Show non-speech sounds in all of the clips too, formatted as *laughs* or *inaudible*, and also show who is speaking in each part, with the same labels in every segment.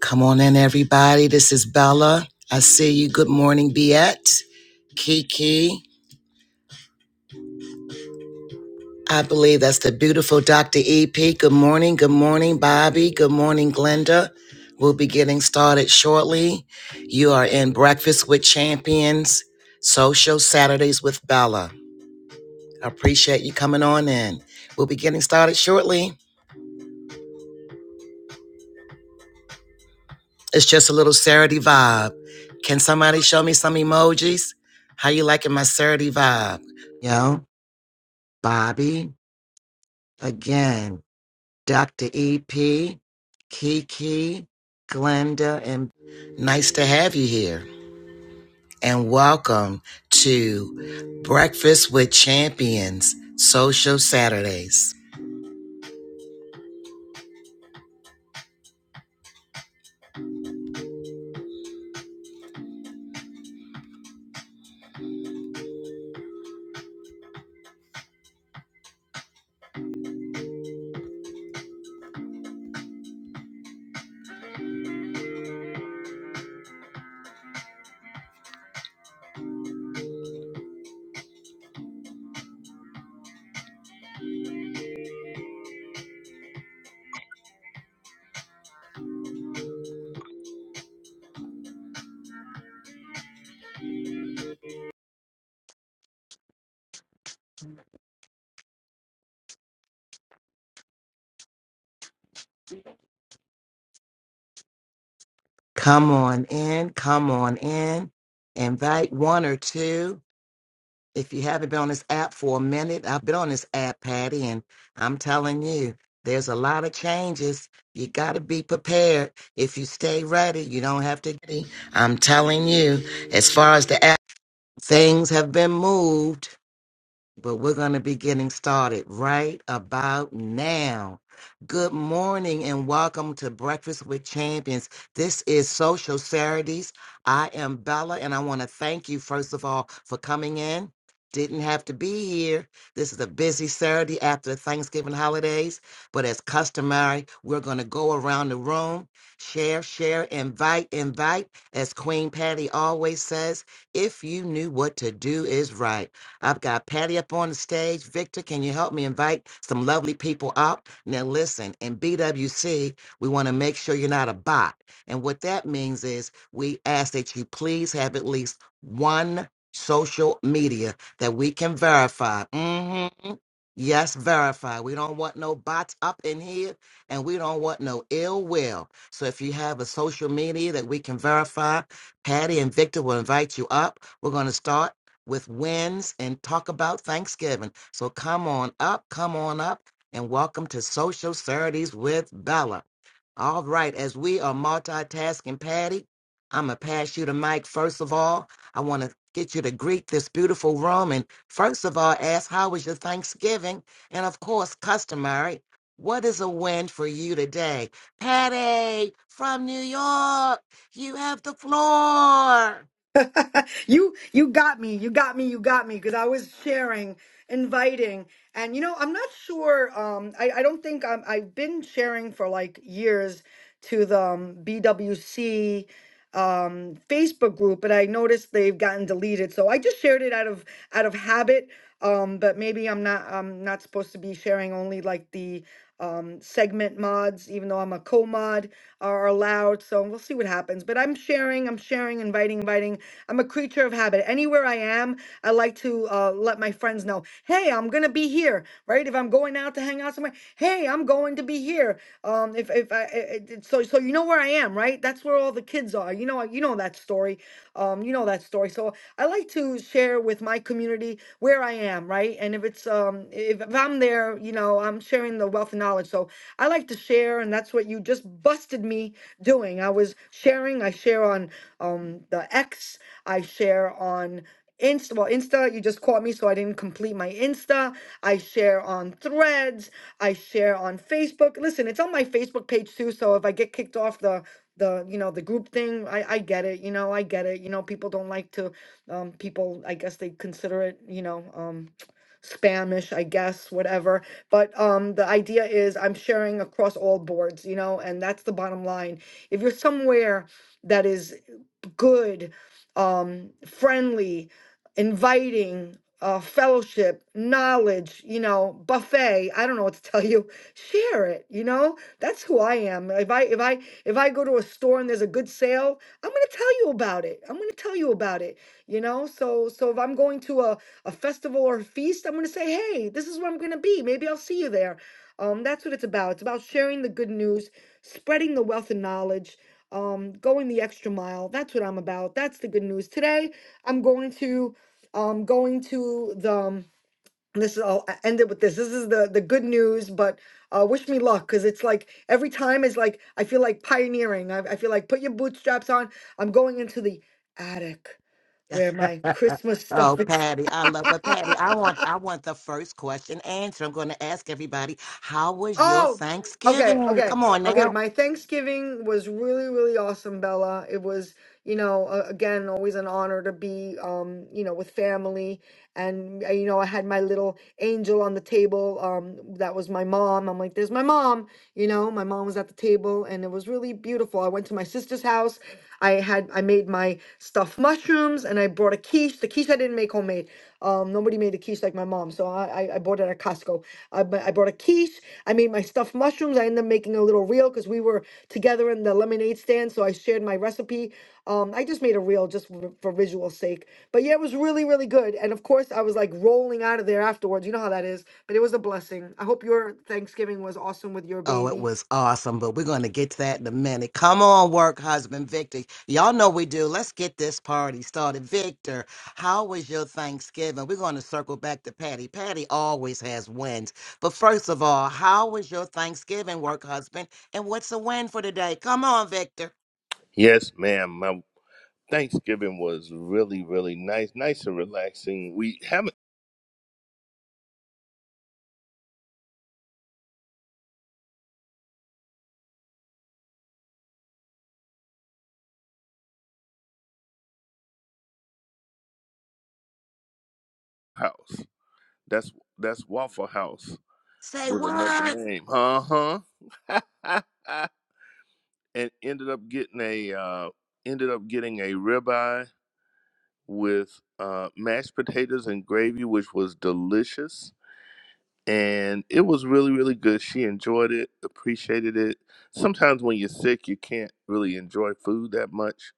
Speaker 1: Come on in, everybody. This is Bella. I see you. Good morning, Biette. Kiki. I believe that's the beautiful Dr. EP. Good morning. Good morning, Bobby. Good morning, Glenda. We'll be getting started shortly. You are in Breakfast with Champions, Social Saturdays with Bella. I appreciate you coming on in. We'll be getting started shortly. It's just a little Saturday vibe. Can somebody show me some emojis? How you liking my Saturday vibe? Yo. Bobby, again, Dr. EP, Kiki, Glenda, and nice to have you here. And welcome to Breakfast with Champions Social Saturdays. Come on in, come on in, invite one or two. if you haven't been on this app for a minute, I've been on this app, Patty, and I'm telling you, there's a lot of changes. You got to be prepared. If you stay ready, you don't have to. I'm telling you, as far as the app, things have been moved but we're going to be getting started right about now. Good morning and welcome to Breakfast with Champions. This is Social Saturdays. I am Bella and I want to thank you, first of all, for coming in. Didn't have to be here. This is a busy Saturday after Thanksgiving holidays, but as customary, we're going to go around the room, share, share, invite, invite. As Queen Patty always says, if you knew what to do is right. I've got Patty up on the stage. Victor, can you help me invite some lovely people up? Now, listen, in BWC, we want to make sure you're not a bot. And what that means is we ask that you please have at least one social media that we can verify. hmm Yes, verify. We don't want no bots up in here and we don't want no ill will. So if you have a social media that we can verify, Patty and Victor will invite you up. We're going to start with wins and talk about Thanksgiving. So come on up, come on up, and welcome to Social Saturdays with Bella. All right, as we are multitasking, Patty, I'm going to pass you the mic. First of all, I want to get you to greet this beautiful room. And first of all, ask, how was your Thanksgiving? And of course, customary, what is a win for you today? Patty from New York, you have the floor.
Speaker 2: *laughs* you you got me you got me you got me because i was sharing inviting and you know i'm not sure um i, I don't think I'm, i've been sharing for like years to the um, bwc um facebook group and i noticed they've gotten deleted so i just shared it out of out of habit um but maybe i'm not i'm not supposed to be sharing only like the um segment mods even though i'm a co-mod are allowed so we'll see what happens but i'm sharing i'm sharing sharing, inviting, inviting. I'm a creature of habit. Anywhere I am, I like to uh, let my friends know, hey, I'm gonna be here, right? If I'm going out to hang out somewhere, hey, I'm going to be here. Um, if if I, I- I- so so you know where I am, right? That's where all the kids are. You know you know that story. Um, you know that story. So I like to share with my community where I am, right? And if it's um if, if I'm there, you know, I'm sharing the wealth of knowledge. So I like to share, and that's what you just busted me doing. I was sharing. I share on um the X. I share on. Insta, well, Insta, you just caught me, so I didn't complete my Insta. I share on Threads. I share on Facebook. Listen, it's on my Facebook page too. So if I get kicked off the the you know the group thing i i get it you know i get it you know people don't like to um people i guess they consider it you know um *tsk* spamish i guess whatever but um the idea is i'm sharing across all boards you know and that's the bottom line if you're somewhere that is good, um, friendly, inviting, uh, fellowship, knowledge, you know, buffet. I don't know what to tell you. Share it, you know? That's who I am. If I if I if I go to a store and there's a good sale, I'm gonna tell you about it. I'm gonna tell you about it, you know? So so if I'm going to a, a festival or a feast, I'm gonna say, hey, this is where I'm gonna be. Maybe I'll see you there. Um, that's what it's about. It's about sharing the good news, spreading the wealth of knowledge um, going the extra mile. That's what I'm about. That's the good news. Today, I'm going to, um, going to the. um, this is I'll e- end it with this. This is the the good news, but uh, wish me luck because it's like every time is like I feel like pioneering. I, I feel like put your bootstraps on. I'm going into the attic where my
Speaker 1: *laughs*
Speaker 2: Christmas stuff
Speaker 1: Oh,
Speaker 2: is.
Speaker 1: Patty, I love, but
Speaker 2: *laughs*
Speaker 1: Patty, I want, I want the first question answered. I'm going to ask everybody, how was your
Speaker 2: Oh, okay,
Speaker 1: Thanksgiving?
Speaker 2: okay,
Speaker 1: Come on
Speaker 2: okay.
Speaker 1: now.
Speaker 2: My Thanksgiving was really, really awesome, Bella. It was, you know, uh, again, always an honor to be, um, you know, with family. And, uh, you know, I had my little angel on the table. Um, that was my mom. I'm like, there's my mom. You know, my mom was at the table and it was really beautiful. I went to my sister's house. I had, I made my stuffed mushrooms and I brought a quiche. The quiche I didn't make homemade. Um, nobody made a quiche like my mom, so I I, I bought it at Costco. I, bu- I brought a quiche. I made my stuffed mushrooms. I ended up making a little reel because we were together in the lemonade stand, so I shared my recipe. Um, I just made a reel just for, for visual sake. But yeah, it was really really good. And of course, I was like rolling out of there afterwards. You know how that is. But it was a blessing. I hope your Thanksgiving was awesome with your
Speaker 1: Oh, it
Speaker 2: baby.
Speaker 1: was awesome, but we're going to get to that in a minute. Come on, work husband Victor. Y'all know we do. Let's get this party started. Victor, how was your Thanksgiving? We're going to circle back to Patty. Patty always has wins. But first of all, how was your Thanksgiving, work husband? And what's a win for today? Come on, Victor.
Speaker 3: Yes, ma'am. My Thanksgiving was really, really nice, nice and relaxing. We have a house. That's that's Waffle House
Speaker 1: Say
Speaker 3: with another
Speaker 1: what?
Speaker 3: name. Uh huh. *laughs* and ended up getting a uh, ended up getting a ribeye with uh, mashed potatoes and gravy, which was delicious. and it was really really good she enjoyed it appreciated it sometimes when you're sick you can't really enjoy food that much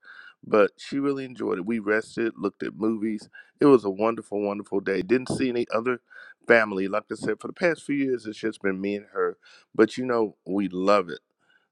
Speaker 3: but she really enjoyed it we rested looked at movies it was a wonderful wonderful day didn't see any other family like i said for the past few years it's just been me and her but you know we love it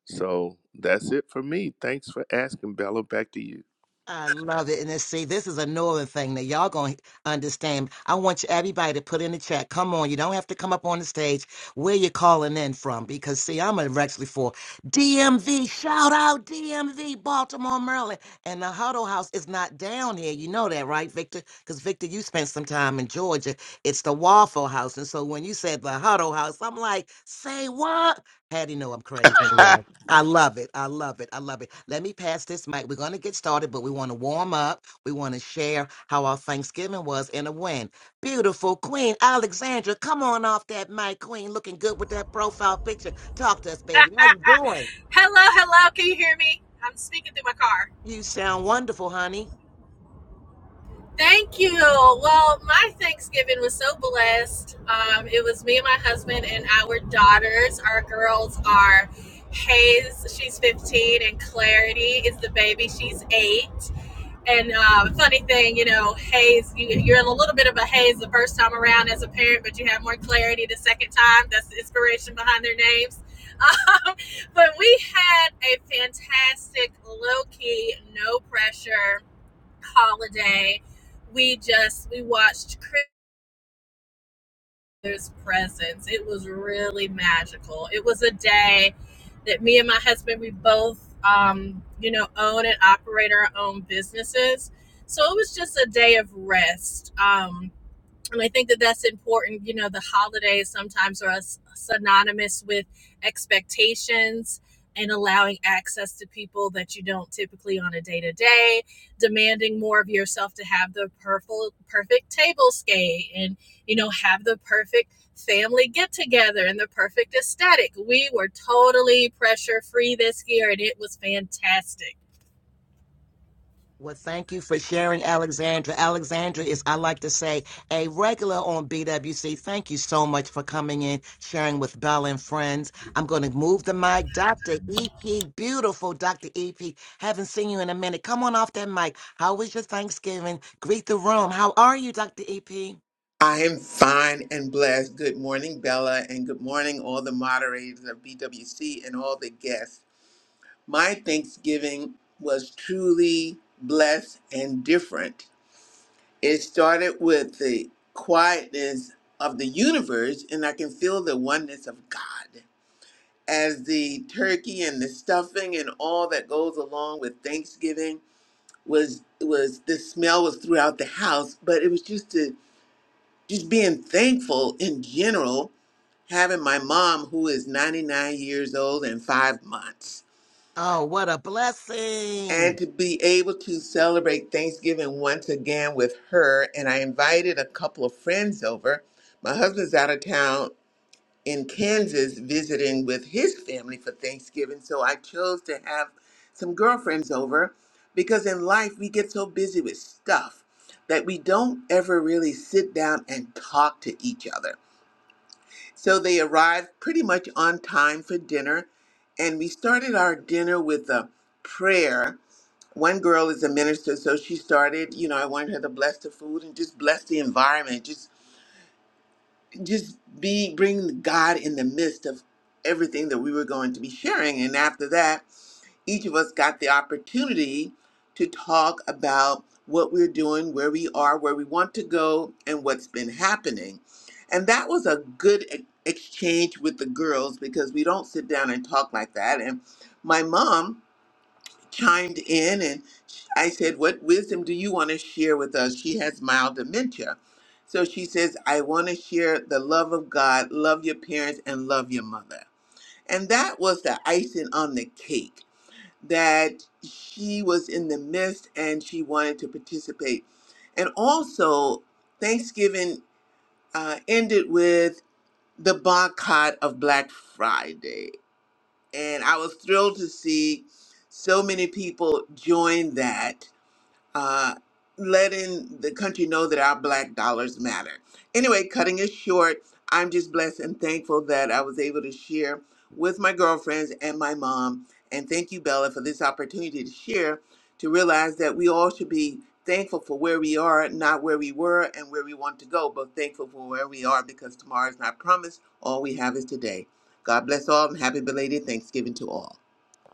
Speaker 3: so that's it for me thanks for asking bella back to you *laughs*
Speaker 1: I love it. And then see, this is a northern thing that y'all gonna understand. I want you everybody to put in the chat. Come on, you don't have to come up on the stage where you're calling in from because see, I'm actually for DMV. Shout out DMV, Baltimore, Maryland. And the huddle house is not down here. You know that, right, Victor? Because Victor, you spent some time in Georgia. It's the Waffle House. And so when you said the huddle house, I'm like, say what? Patty know I'm crazy anyway. I love it. I love it. I love it. Let me pass this mic. We're going to get started, but we want to warm up. We want to share how our Thanksgiving was in a win. Beautiful Queen Alexandra, come on off that mic, Queen. Looking good with that profile picture. Talk to us, baby. How you doing?
Speaker 4: Hello, hello. Can you hear me? I'm speaking through my car.
Speaker 1: You sound wonderful, honey.
Speaker 4: Thank you. Well, my Thanksgiving was so blessed. Um, it was me and my husband and our daughters. Our girls are Hayes, she's 15, and Clarity is the baby, she's eight. And uh, funny thing, you know, haze, you, you're in a little bit of a haze the first time around as a parent, but you have more clarity the second time. That's the inspiration behind their names. *laughs* Um, but we had a fantastic, low key, no pressure holiday. We just, we watched Christmas Father's presence. It was really magical. It was a day that me and my husband, we both, um, you know, own and operate our own businesses. So it was just a day of rest. Um, and I think that that's important. You know, the holidays sometimes are synonymous with expectations and allowing access to people that you don't typically on a day to day, demanding more of yourself to have the perfect perfect table scape and you know have the perfect family get together and the perfect aesthetic. We were totally pressure free this year, and it was fantastic
Speaker 1: Well, thank you for sharing, Alexandra. Alexandra is, I like to say, a regular on BWC. Thank you so much for coming in, sharing with Bella and friends. I'm going to move the mic. Dr. EP, beautiful Dr. EP. Haven't seen you in a minute. Come on off that mic. How was your Thanksgiving? Greet the room. How are you, Dr. EP?
Speaker 5: I am fine and blessed. Good morning, Bella, and good morning, all the moderators of BWC and all the guests. My Thanksgiving was truly blessed and different. It started with the quietness of the universe, and I can feel the oneness of God. As the turkey and the stuffing and all that goes along with Thanksgiving was was the smell was throughout the house, but it was just a just being thankful in general, having my mom, who is 99 years old and five months,
Speaker 1: Oh, what a blessing.
Speaker 5: and to be able to celebrate Thanksgiving once again with her. And I invited a couple of friends over. My husband's out of town in Kansas visiting with his family for Thanksgiving. So I chose to have some girlfriends over because in life we get so busy with stuff that we don't ever really sit down and talk to each other. So they arrived pretty much on time for dinner, and we started our dinner with a prayer. One girl is a minister, so she started. You know, I wanted her to bless the food and just bless the environment. Just, just be bring God in the midst of everything that we were going to be sharing. And after that each of us got the opportunity to talk about what we're doing, where we are, where we want to go, and what's been happening. And that was a good e- exchange with the girls because we don't sit down and talk like that. And my mom chimed in and sh- I said, What wisdom do you want to share with us? She has mild dementia. So she says, I want to share the love of God, love your parents, and love your mother. And that was the icing on the cake that she was in the midst and she wanted to participate. And also, Thanksgiving uh, ended with the boycott of Black Friday. And I was thrilled to see so many people join that uh, letting the country know that our black dollars matter. Anyway, cutting it short, I'm just blessed and thankful that I was able to share with my girlfriends and my mom. And thank you, Bella, for this opportunity to share, to realize that we all should be thankful for where we are, not where we were and where we want to go, but thankful for where we are because tomorrow is not promised. All we have is today. God bless all and happy belated Thanksgiving to all.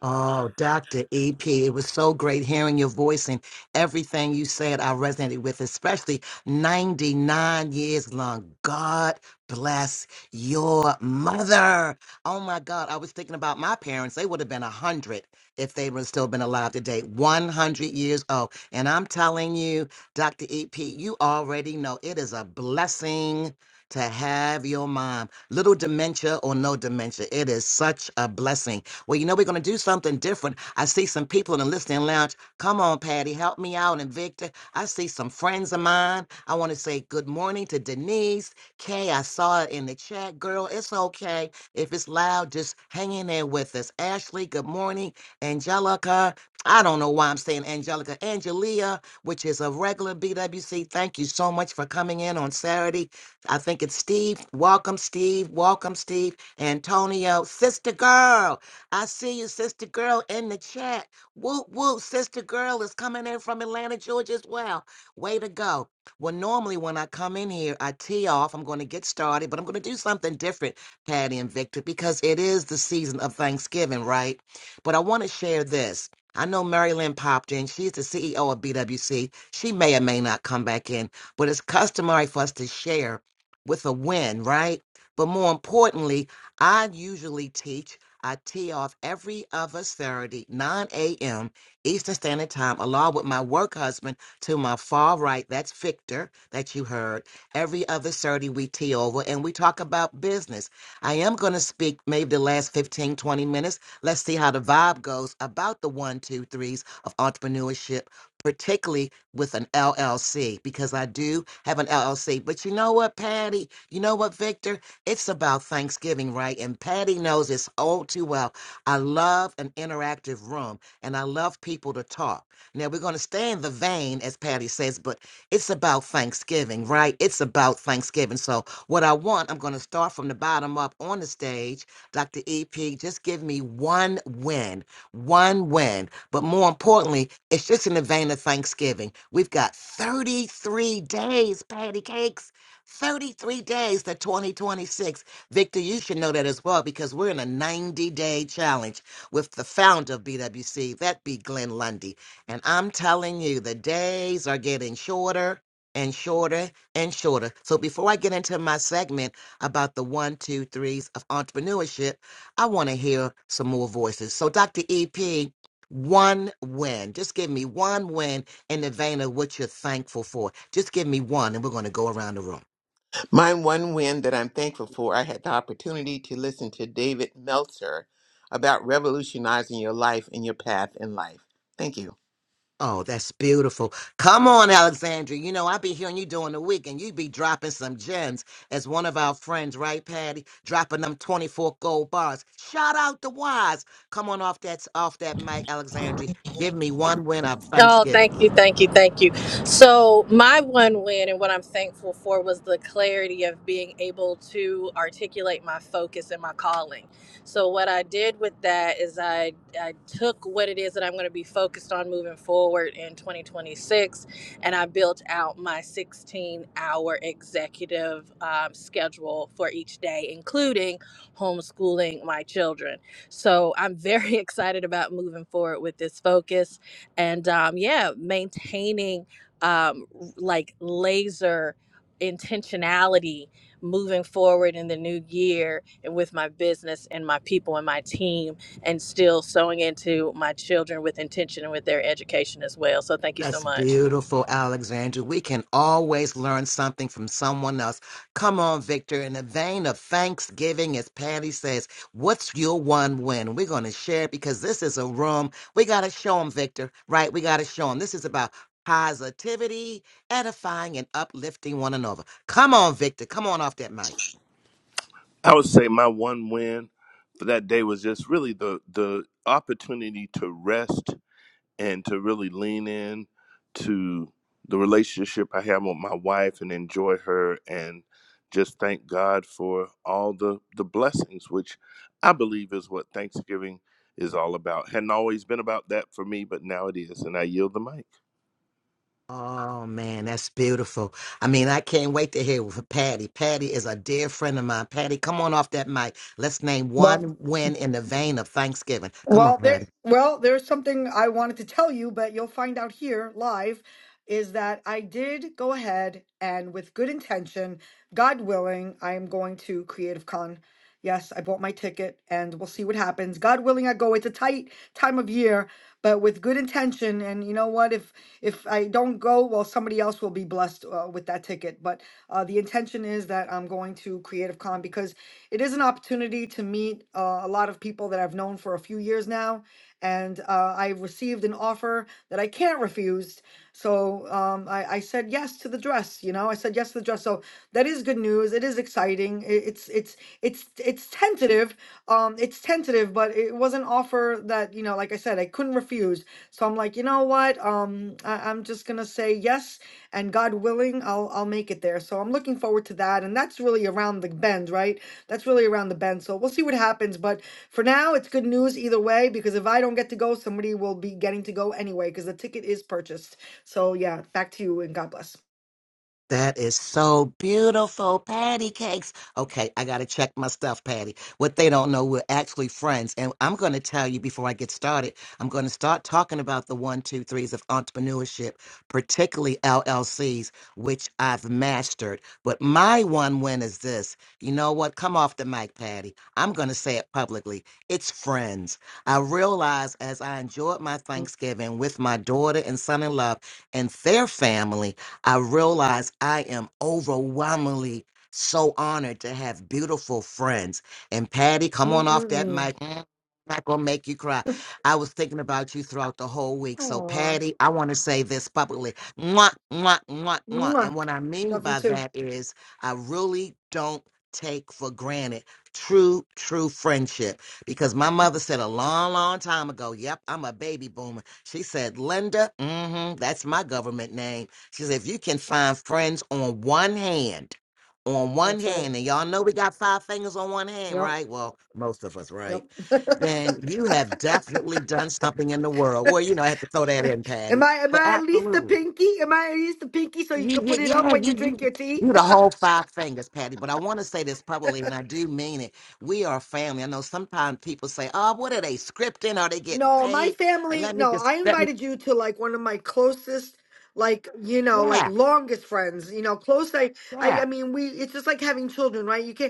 Speaker 1: Oh, Dr. EP, it was so great hearing your voice and everything you said. I resonated with, especially 99 years long. God bless your mother. Oh my God, I was thinking about my parents. They would have been 100 if they would still been alive today. 100 years old. And I'm telling you, Dr. EP, you already know it is a blessing to have your mom. Little dementia or no dementia, it is such a blessing well, you know, we're going to do something different. I see some people in the listening lounge. Come on, Patty, help me out. And Victor, I see some friends of mine. I want to say good morning to Denise. Kay, I saw it in the chat. Girl, it's okay. If it's loud, just hang in there with us. Ashley, good morning. Angelica, I don't know why I'm saying Angelica. Angelia, which is a regular BWC, thank you so much for coming in on Saturday. I think it's Steve. Welcome, Steve. Welcome, Steve. Antonio, sister girl. I see you, sister girl, in the chat. Whoop, whoop, sister girl is coming in from Atlanta, Georgia as well. Way to go. Well, normally when I come in here, I tee off. I'm going to get started, but I'm going to do something different, Patty and Victor, because it is the season of Thanksgiving, right? But I want to share this. I know Mary Lynn popped in. She's the CEO of BWC. She may or may not come back in, but it's customary for us to share with a win, right? But more importantly, I usually teach. I tee off every other Saturday, 9 a.m. Eastern Standard Time, along with my work husband to my far right. That's Victor, that you heard. Every other Saturday, we tee over and we talk about business. I am going to speak maybe the last 15, 20 minutes. Let's see how the vibe goes about the one, two, threes of entrepreneurship, particularly with an LLC, because I do have an LLC. But you know what, Patty? You know what, Victor? It's about Thanksgiving, right? And Patty knows this all too well. I love an interactive room and I love people to talk. Now, we're going to stay in the vein, as Patty says, but it's about Thanksgiving, right? It's about Thanksgiving. So, what I want, I'm going to start from the bottom up on the stage. Dr. EP, just give me one win, one win. But more importantly, it's just in the vein of Thanksgiving. We've got 33 days, Patty Cakes. 33 days to 2026. Victor, you should know that as well because we're in a 90 day challenge with the founder of BWC, that be Glenn Lundy. And I'm telling you, the days are getting shorter and shorter and shorter. So before I get into my segment about the one, two, threes of entrepreneurship, I want to hear some more voices. So, Dr. EP, one win. Just give me one win in the vein of what you're thankful for. Just give me one, and we're going to go around the room.
Speaker 5: My one win that I'm thankful for, I had the opportunity to listen to David Meltzer about revolutionizing your life and your path in life. Thank you.
Speaker 1: Oh, that's beautiful. Come on, Alexandria. You know, I be hearing you during the week and you be dropping some gems as one of our friends, right, Patty? Dropping them 24 gold bars. Shout out the wise. Come on off that off that mic, Alexandria. Give me one win of
Speaker 4: Oh,
Speaker 1: Thanksgiving.
Speaker 4: thank you, thank you, thank you. So, my one win and what I'm thankful for was the clarity of being able to articulate my focus and my calling. So, what I did with that is I, I took what it is that I'm going to be focused on moving forward in 2026 and I built out my 16 hour executive um, schedule for each day, including homeschooling my children. So, I'm very *laughs* excited about moving forward with this focus and um, yeah, maintaining um, like laser intentionality moving forward in the new year and with my business and my people and my team and still sewing into my children with intention and with their education as well. So thank you so
Speaker 1: That's
Speaker 4: much.
Speaker 1: beautiful, Alexandra. We can always learn something from someone else. Come on, Victor. In the vein of Thanksgiving, as Patty says, what's your one win? We're going to share it because this is a room. We got to show them, Victor, right? We got to show them. This is about positivity, edifying, and uplifting one another. Come on, Victor. Come on off that mic.
Speaker 3: I would say my one win for that day was just really the the opportunity to rest and to really lean in to the relationship I have with my wife and enjoy her and just thank God for all the the blessings which I believe is what Thanksgiving is all about. Hadn't always been about that for me, but now it is and I yield the mic.
Speaker 1: Oh man, that's beautiful. I mean, I can't wait to hear from Patty. Patty is a dear friend of mine. Patty, come on off that mic. Let's name one win in the vein of Thanksgiving. Come on,
Speaker 2: Well, there,
Speaker 1: Patty.
Speaker 2: well, there's something I wanted to tell you, but you'll find out here live is that I did go ahead and with good intention, God willing, I am going to Creative Con. Yes, I bought my ticket and we'll see what happens. God willing, I go. It's a tight time of year, but with good intention. And you know what? if if I don't go, well, somebody else will be blessed uh, with that ticket. But uh, the intention is that I'm going to Creative Con because it is an opportunity to meet uh, a lot of people that I've known for a few years now. And uh, I received an offer that I can't refuse so um, I, I said yes to the dress. You know, I said yes to the dress. So that is good news. It is exciting. It, it's it's it's it's tentative. Um, it's tentative, but it was an offer that you know, like I said, I couldn't refuse. So I'm like, you know what? Um, I, I'm just gonna say yes, and God willing, I'll I'll make it there. So I'm looking forward to that, and that's really around the bend, right? That's really around the bend. So we'll see what happens. But for now, it's good news either way because if I don't get to go, somebody will be getting to go anyway because the ticket is purchased. So yeah, back to you and God bless.
Speaker 1: That is so beautiful, patty cakes. Okay, I gotta check my stuff, Patty. What they don't know, we're actually friends. And I'm gonna tell you before I get started, I'm gonna start talking about the one, two, threes of entrepreneurship, particularly LLCs, which I've mastered. But my one win is this. You know what? Come off the mic, Patty. I'm gonna say it publicly. It's friends. I realized as I enjoyed my Thanksgiving with my daughter and son in law and their family I realize I am overwhelmingly so honored to have beautiful friends. And Patty, come on off that
Speaker 2: Mm-mm-mm.
Speaker 1: mic. Mm, Not gonna make you cry. I was thinking about you throughout the whole week. So,
Speaker 2: Aw.
Speaker 1: Patty, I want to say this publicly. Mwah, mwah, mwah, mwah.
Speaker 2: Mwah.
Speaker 1: And what I mean
Speaker 2: Love you
Speaker 1: by
Speaker 2: too.
Speaker 1: that is, I really don't take for granted true, true friendship. Because my mother said a long, long time ago, yep, I'm a baby boomer. She said, Linda, mm hmm that's my government name. She said, if you can find friends on one hand, on one
Speaker 2: That's right.
Speaker 1: hand, and y'all know we got five fingers on one hand,
Speaker 2: Yep.
Speaker 1: right? Well, most of us,
Speaker 2: Yep.
Speaker 1: right?
Speaker 2: *laughs*
Speaker 1: Then you have definitely done something in the world. Well, you know, I have to throw that in,
Speaker 2: am
Speaker 1: Patty.
Speaker 2: I am
Speaker 1: But
Speaker 2: I at least the
Speaker 1: absolutely.
Speaker 2: pinky? Am I at least the pinky so you
Speaker 1: You,
Speaker 2: could
Speaker 1: you,
Speaker 2: put it up
Speaker 1: yeah,
Speaker 2: when you
Speaker 1: you,
Speaker 2: drink
Speaker 1: you,
Speaker 2: your tea?
Speaker 1: you
Speaker 2: *laughs*
Speaker 1: the whole five fingers, Patty. But I want to say this publicly, and I do mean it. We are family. I know sometimes people say, "Oh, what are they scripting? Are they getting
Speaker 2: No, my
Speaker 1: paid?" And
Speaker 2: family
Speaker 1: let me
Speaker 2: no,
Speaker 1: just
Speaker 2: I
Speaker 1: let me,
Speaker 2: invited you to like one of my closest like you know like
Speaker 1: yeah,
Speaker 2: longest friends you know close I, I i
Speaker 1: yeah,
Speaker 2: mean we it's just like having children right you can't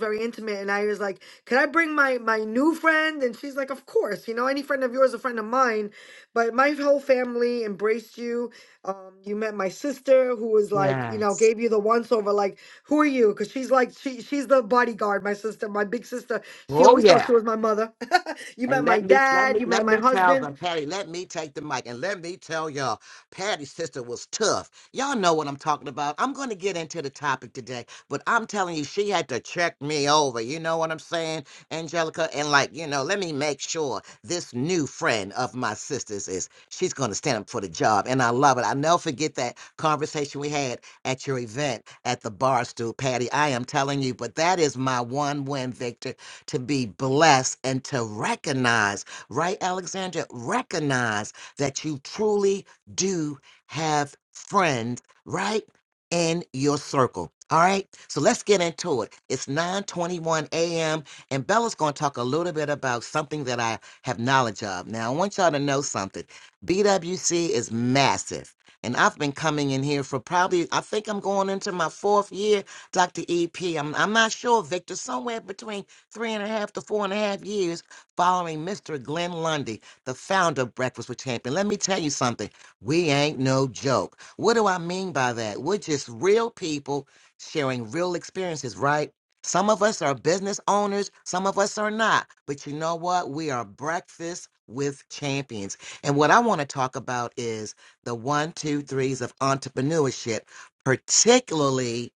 Speaker 2: very intimate and I was like, "Can I bring my my new friend?" And she's like, "Of course. You know, any friend of yours, is a friend of mine." But my whole family embraced you. Um, you met my sister, who was like, you know,
Speaker 1: yes,
Speaker 2: gave you the once over. Like, who are you? Because she's like, she she's the bodyguard. My sister, my big sister, she
Speaker 1: oh
Speaker 2: always thought
Speaker 1: yeah.
Speaker 2: she was my mother. *laughs* you met
Speaker 1: And
Speaker 2: my
Speaker 1: let me let
Speaker 2: dad.
Speaker 1: me
Speaker 2: You met
Speaker 1: let
Speaker 2: my
Speaker 1: me tell
Speaker 2: husband.
Speaker 1: them, Patty, let me take the mic and let me tell y'all, Patty's sister was tough. Y'all know what I'm talking about. I'm gonna get into the topic today, but I'm telling you, she had to check me over. You know what I'm saying, Angelica? And like, you know, let me make sure this new friend of my sister's is she's gonna stand up for the job. And I love it. I never forget that conversation we had at your event at the bar stool, Patty. I am telling you, but that is my one win, Victor to be blessed and to recognize, right, Alexandra? Recognize that you truly do have friends, right? In your circle. All right. So let's get into it. It's 9:21 a.m. and Bella's going to talk a little bit about something that I have knowledge of. Now, I want y'all to know something. BWC is massive and I've been coming in here for probably I think I'm going into my fourth year, Dr. EP. I'm I'm not sure, Victor, somewhere between three and a half to four and a half years following Mr. Glenn Lundy, the founder of Breakfast with Champion. Let me tell you something. We ain't no joke. What do I mean by that? We're just real people sharing real experiences, right? Some of us are business owners, some of us are not. But you know what? We are breakfast with champions. And what I want to talk about is the one, two, threes of entrepreneurship, particularly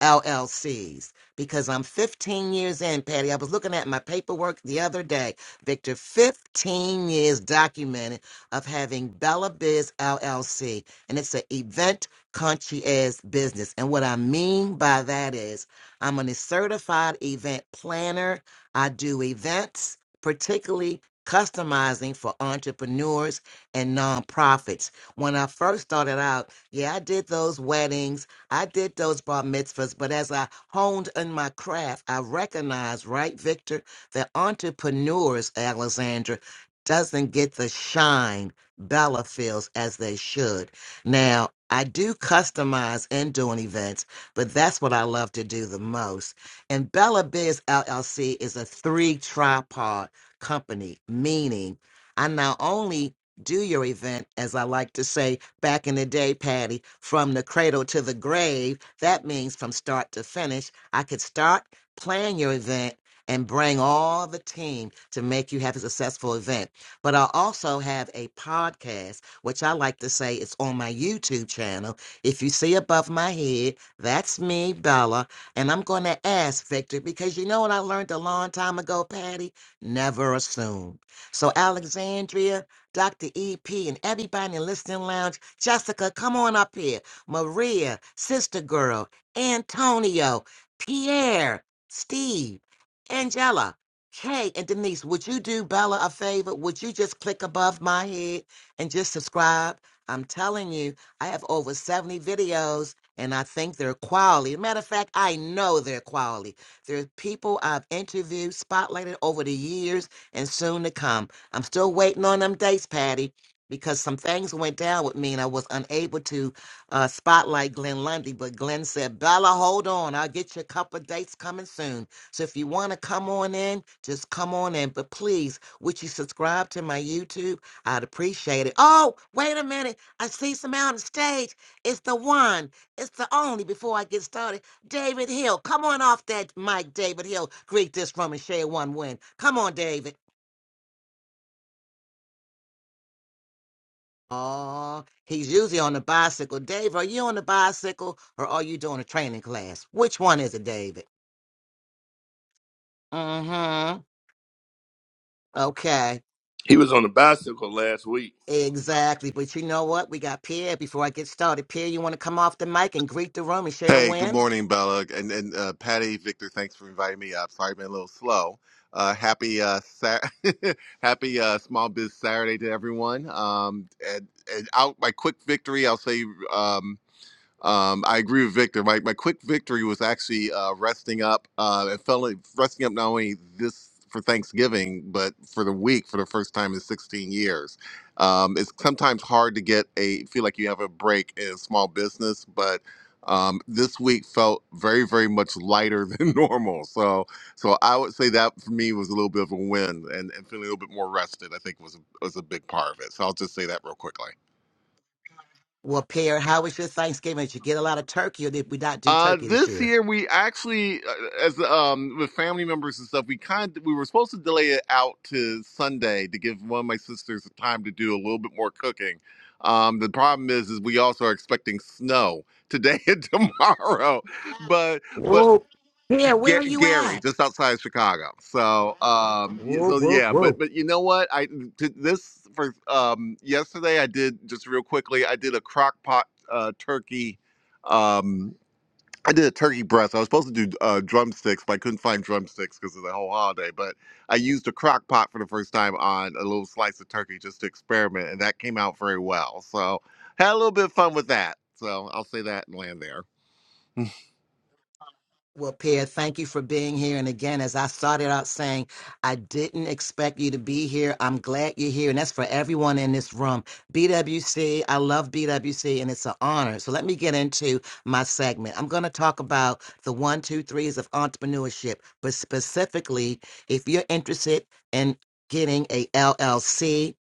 Speaker 1: LLCs because I'm 15 years in, Patty. I was looking at my paperwork the other day, Victor. 15 years documented of having Bella Biz LLC, and it's an event concierge business. And what I mean by that is, I'm a certified event planner. I do events, particularly customizing for entrepreneurs and nonprofits. When I first started out, yeah, I did those weddings. I did those bar mitzvahs, but as I honed in my craft, I recognized, right, Victor, that entrepreneurs, Alexandra, doesn't get the shine Bella feels as they should. Now, I do customize and doing events, but that's what I love to do the most. And Bella Biz LLC is a three tripod company, meaning I not only do your event, as I like to say, back in the day, Patty, from the cradle to the grave. That means from start to finish. I could start, plan your event, and bring all the team to make you have a successful event. But I also have a podcast, which I like to say is on my YouTube channel. If you see above my head, that's me, Bella. And I'm going to ask Victor because you know what I learned a long time ago, Patty? Never assume. So, Alexandria, Dr. EP, and everybody in the Listening Lounge. Jessica, come on up here. Maria, Sister Girl, Antonio, Pierre, Steve, Angela, Kay, and Denise. Would you do Bella a favor? Would you just click above my head and just subscribe? I'm telling you, I have over 70 videos and I think they're quality. Matter of fact, I know they're quality. There's people I've interviewed, spotlighted over the years and soon to come. I'm still waiting on them dates, Patty, because some things went down with me and I was unable to uh, spotlight Glenn Lundy. But Glenn said, Bella, hold on. I'll get you a couple of dates coming soon. So if you want to come on in, just come on in. But please, would you subscribe to my YouTube? I'd appreciate it. Oh, wait a minute. I see some out on stage. It's the one, it's the only. Before I get started, David Hill. Come on off that mic, David Hill. Greet this from and share one win. Come on, David. Oh, he's usually on the bicycle. Dave, are you on the bicycle or are you doing a training class? Which one is it, David? Mm-hmm. Okay.
Speaker 3: He was on a bicycle last week
Speaker 1: Exactly. But you know what? We got Pierre. Before I get started, Pierre, you want to come off the mic and greet the room and share a
Speaker 6: Hey, good
Speaker 1: win?
Speaker 6: morning, Bella, and and uh, Patty, Victor. Thanks for inviting me up. Sorry, I've been a little slow. Uh, happy uh, Sat *laughs* happy uh, Small Biz Saturday to everyone. Um, and, and out my quick victory, I'll say. Um, um, I agree with Victor. My, my quick victory was actually uh, resting up uh, and fell resting up not only this for Thanksgiving, but for the week for the first time in 16 years. Um, it's sometimes hard to get a feel like you have a break in small business, but um, this week felt very, very much lighter *laughs* than normal. So, so I would say that for me was a little bit of a win, and, and feeling a little bit more rested. I think was was a big part of it. So I'll just say that real quickly.
Speaker 1: Well, Pierre, how was your Thanksgiving? Did you get a lot of turkey or did we not do
Speaker 6: Uh,
Speaker 1: turkey this
Speaker 6: this
Speaker 1: year?
Speaker 6: year we actually, uh, as um with family members and stuff, we kind of, we were supposed to delay it out to Sunday to give one of my sisters time to do a little bit more cooking. Um, the problem is, is we also are expecting snow today *laughs* and tomorrow, but but
Speaker 1: Whoa. Pierre, where are
Speaker 6: Ga-
Speaker 1: you
Speaker 6: Gary
Speaker 1: at?
Speaker 6: just outside of Chicago. So um y-
Speaker 1: Whoa,
Speaker 6: so
Speaker 1: whoa,
Speaker 6: yeah, but
Speaker 1: whoa.
Speaker 6: but you know what? I to this for um yesterday I did just real quickly. I did a crock pot uh, turkey. Um, I did a turkey breast. I was supposed to do uh, drumsticks, but I couldn't find drumsticks because of the whole holiday. But I used a crock pot for the first time on a little slice of turkey just to experiment, and that came out very well. So had a little bit of fun with that. So I'll say that and land there.
Speaker 1: Well, Pierre, thank you for being here. And again, as I started out saying, I didn't expect you to be here. I'm glad you're here. And that's for everyone in this room. BWC, I love BWC and it's an honor. So let me get into my segment. I'm going to talk about the one, two, threes of entrepreneurship, but specifically, if you're interested in getting a LLC,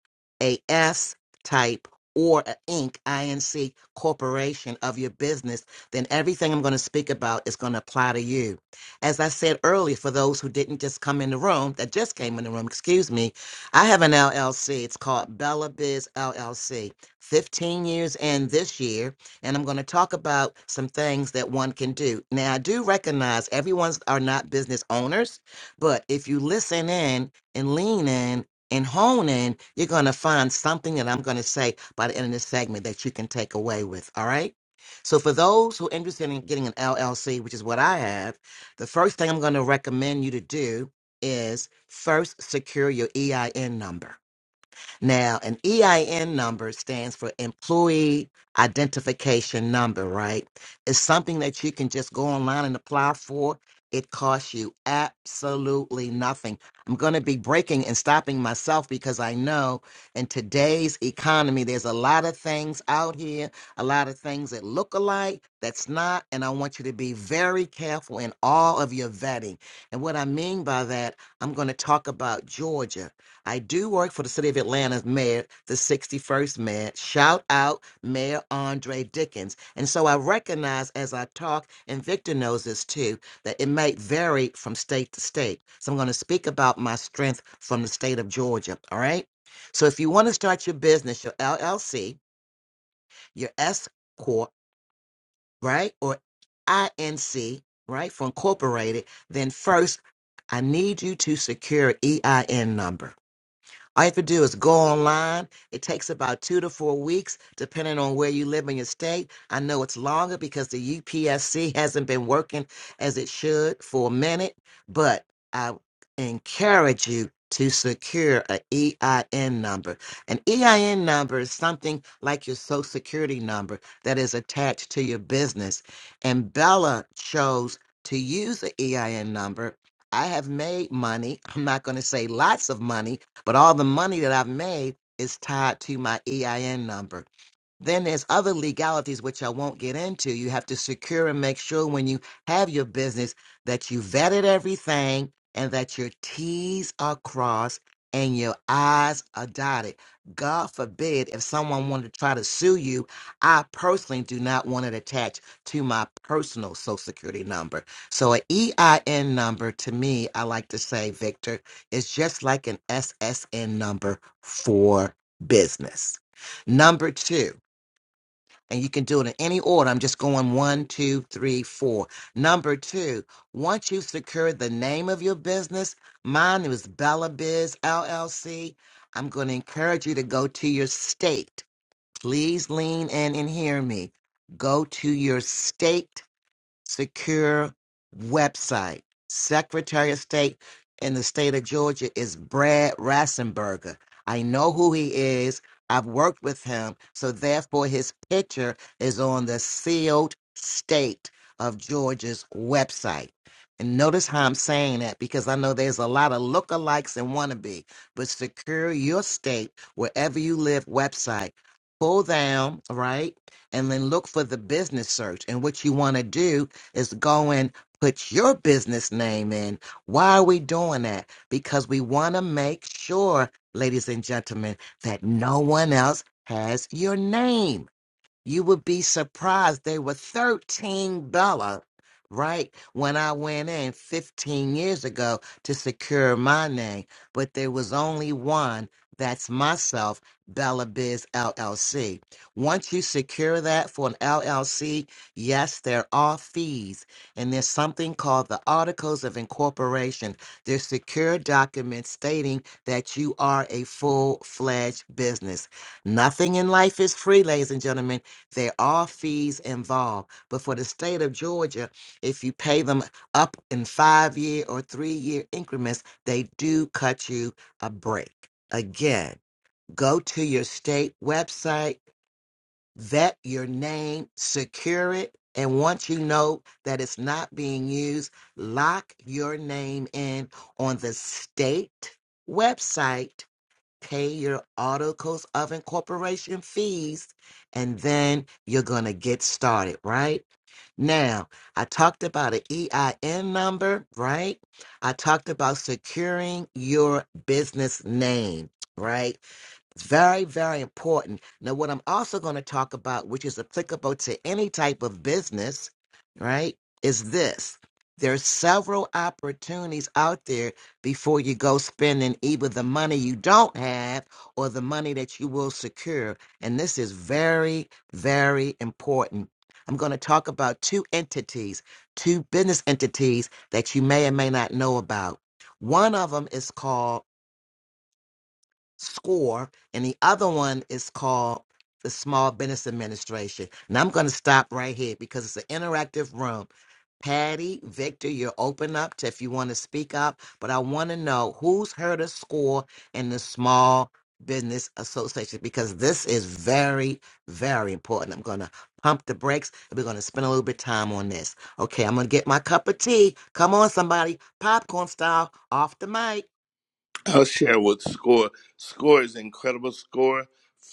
Speaker 1: a S type, or an Inc. INC corporation of your business then everything I'm going to speak about is going to apply to you. As I said earlier, for those who didn't just come in the room, that just came in the room, excuse me, I have an LLC. It's called Bella Biz LLC. 15 years in this year, and I'm going to talk about some things that one can do. Now, I do recognize everyone's are not business owners, but if you listen in and lean in and hone in, you're going to find something that I'm going to say by the end of this segment that you can take away with. All right. So for those who are interested in getting an LLC, which is what I have, the first thing I'm going to recommend you to do is first secure your EIN number. Now, an EIN number stands for Employee Identification Number, right? It's something that you can just go online and apply for. It costs you absolutely nothing. I'm going to be breaking and stopping myself because I know in today's economy, there's a lot of things out here, a lot of things that look alike, that's not. And I want you to be very careful in all of your vetting. And what I mean by that, I'm going to talk about Georgia. I do work for the city of Atlanta's mayor, the 61st mayor. Shout out Mayor Andre Dickens. And so I recognize as I talk, and Victor knows this too, that it may vary from state to state. So I'm going to speak about my strength from the state of Georgia. All right. So if you want to start your business, your LLC, your S Corp, right? Or INC, right? For incorporated, then first, I need you to secure an EIN number. All you have to do is go online. It takes about two to four weeks, depending on where you live in your state. I know it's longer because the UPSC *laughs* hasn't been working as it should for a minute, but I encourage you to secure an EIN number. An EIN number is something like your social security number that is attached to your business. And Bella chose to use the EIN number. I have made money. I'm not going to say lots of money but all the money that I've made is tied to my EIN number. Then there's other legalities which I won't get into. You have to secure and make sure when you have your business that you vetted everything and that your T's are crossed and your I's are dotted. God forbid if someone wanted to try to sue you, I personally do not want it attached to my personal social security number. So an EIN number to me, I like to say, Victor, is just like an SSN number for business. Number two and you can do it in any order. I'm just going one, two, three, four. Number two, once you've secured the name of your business, mine is Bella Biz LLC. I'm going to encourage you to go to your state. Please lean in and hear me. Go to your state secure website. Secretary of State in the state of Georgia is Brad Rassenberger. I know who he is. I've worked with him. So therefore his picture is on the sealed state of Georgia's website. And notice how I'm saying that because I know there's a lot of lookalikes and wannabe, but secure your state wherever you live website. Pull down, right? And then look for the business search. And what you want to do is going, put your business name in. Why are we doing that? Because we want to make sure, ladies and gentlemen, that no one else has your name. You would be surprised. They were $13, right? When I went in 15 years ago to secure my name, but there was only one. That's myself, Bella Biz LLC. Once you secure that for an LLC, yes, there are fees. And there's something called the Articles of Incorporation. They're secure documents stating that you are a full fledged business. Nothing in life is free, ladies and gentlemen there are fees involved. But for the state of Georgia, if you pay them up in five year or three year increments, they do cut you a break. Again, go to your state website, vet your name, secure it. And once you know that it's not being used, lock your name in on the state website pay your auto coast oven corporation fees and then you're going to get started right now i talked about an ein number right i talked about securing your business name right it's very, very important. Now, what I'm also going to talk about, which is applicable to any type of business, right, is this. There's several opportunities out there before you go spending either the money you don't have or the money that you will secure. And this is very, very important. I'm going to talk about two entities, two business entities that you may or may not know about. One of them is called SCORE, and the other one is called the Small Business Administration. And I'm going to stop right here because it's an interactive room. Patty, Victor, you're open up to if you want to speak up, but I want to know who's heard of SCORE and the Small Business Association because this is very, very important. I'm going to pump the brakes and we're going to spend a little bit of time on this. Okay, I'm going to get my cup of tea. Come on, somebody, popcorn style, off the mic.
Speaker 3: I'll share with Score. Score is incredible. Score,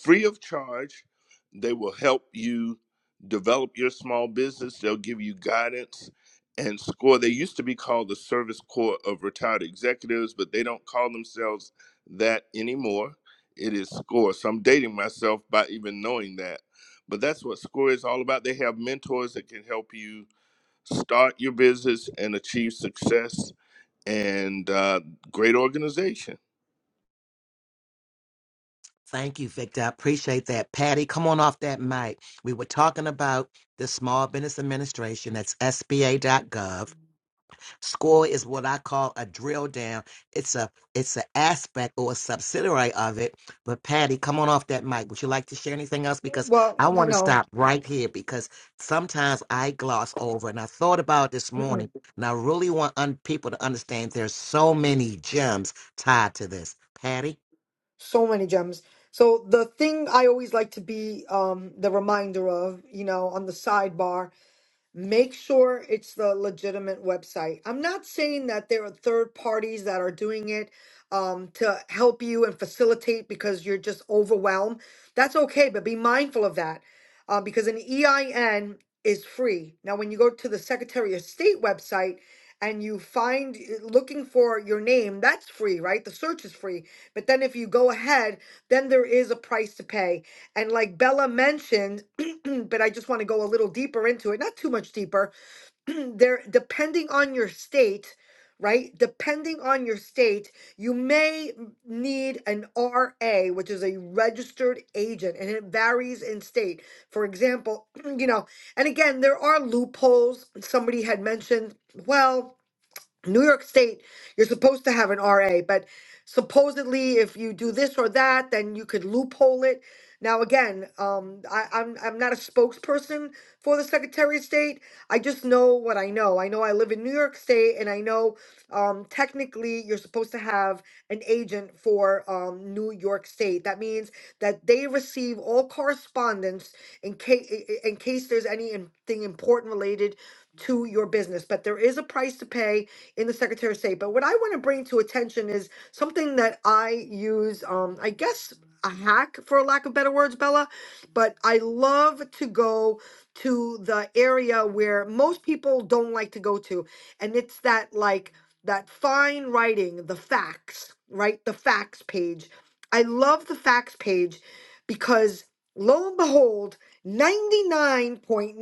Speaker 3: free of charge. They will help you develop your small business. They'll give you guidance. And Score, they used to be called the Service Corps of Retired Executives, but they don't call themselves that anymore. It is Score. So I'm dating myself by even knowing that. But that's what Score is all about. They have mentors that can help you start your business and achieve success and uh, great organization.
Speaker 1: Thank you, Victor. I appreciate that. Patty, come on off that mic. We were talking about the Small Business Administration. That's SBA.gov. SCORE is what I call a drill down. It's a it's an aspect or a subsidiary of it. But Patty, come on off that mic. Would you like to share anything else? Because
Speaker 2: Well,
Speaker 1: I
Speaker 2: you
Speaker 1: want to
Speaker 2: know,
Speaker 1: stop right here because sometimes I gloss over and I thought about it this
Speaker 2: mm-mm,
Speaker 1: morning and I really want un- people to understand there's so many gems tied to this. Patty?
Speaker 2: so many gems. So the thing I always like to be um, the reminder of, you know, on the sidebar make sure it's the legitimate website. I'm not saying that there are third parties that are doing it um, to help you and facilitate because you're just overwhelmed. That's okay, but be mindful of that uh, because an EIN is free. Now, when you go to the Secretary of State website, and you find eh, looking for your name, that's free, right? The search is free. But then if you go ahead, then there is a price to pay. And like Bella mentioned, *clears throat* but I just want to go a little deeper into it, not too much deeper. *clears throat* there, depending on your state, right? Depending on your state, you may m- need an RA, which is a registered agent, and it varies in state. For example, *clears throat* you know, and again, there are loopholes. Somebody had mentioned, well, New York State, you're supposed to have an RA, but supposedly if you do this or that, then you could loophole it. Now again, um, I, I'm I'm not a spokesperson for the Secretary of State. I just know what I know. I know I live in New York State, and I know um, technically you're supposed to have an agent for um, New York State. That means that they receive all correspondence in case in case there's anything important related to your business. But there is a price to pay in the Secretary of State. But what I want to bring to attention is something that I use, um, I guess a hack for lack of better words, Bella. But I love to go to the area where most people don't like to go to. And it's that like that fine writing, the facts, right? The facts page. I love the facts page because lo and behold, 99.9%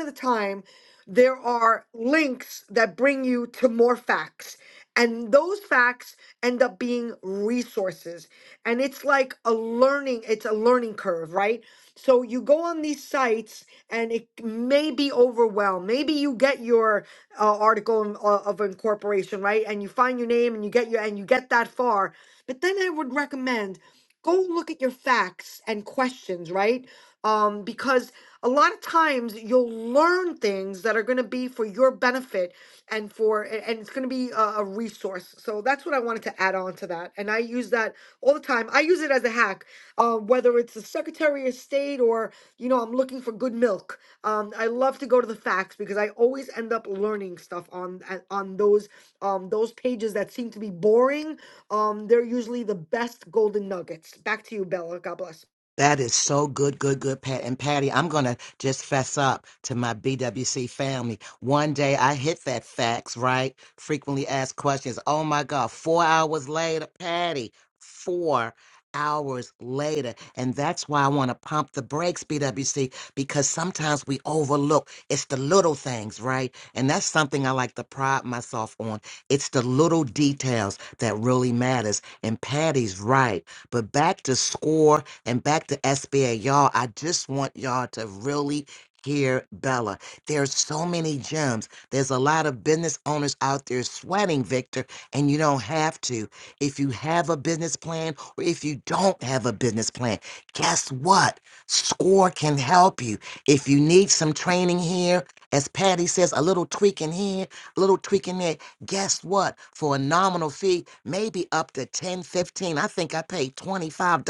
Speaker 2: of the time there are links that bring you to more facts. And those facts end up being resources. And it's like a learning, it's a learning curve, right? So you go on these sites and it may be overwhelmed. Maybe you get your uh, article in- uh, of incorporation, right? And you find your name and you get your, and you get that far. But then I would recommend go look at your facts and questions, right? Um, because a lot of times you'll learn things that are going to be for your benefit and for a- and it's going to be a, a resource so that's what i wanted to add on to that and i use that all the time i use it as a hack uh, whether it's the secretary of state or you know i'm looking for good milk um, i love to go to the facts because i always end up learning stuff on a- on those um, those pages that seem to be boring um, they're usually the best golden nuggets back to you bella god bless
Speaker 1: That is so good, good, good, Pat. And Patty, I'm going to just fess up to my BWC family. One day I hit that fax, right? Frequently asked questions. Oh my God, four hours later, Patty, four hours later. And that's why I want to pump the brakes, BWC, because sometimes we overlook. It's the little things, right? And that's something I like to pride myself on. It's the little details that really matters. And Patty's right but back to score and back to SBA, y'all. I just want y'all to really hear Bella. There's so many gems. There's a lot of business owners out there sweating, Victor, and you don't have to. If you have a business plan or if you don't have a business plan, guess what? Score can help you. If you need some training here, as Patty says, a little tweak in here, a little tweak in there, guess what? For a nominal fee, maybe up to 10, 15. I think I paid $25.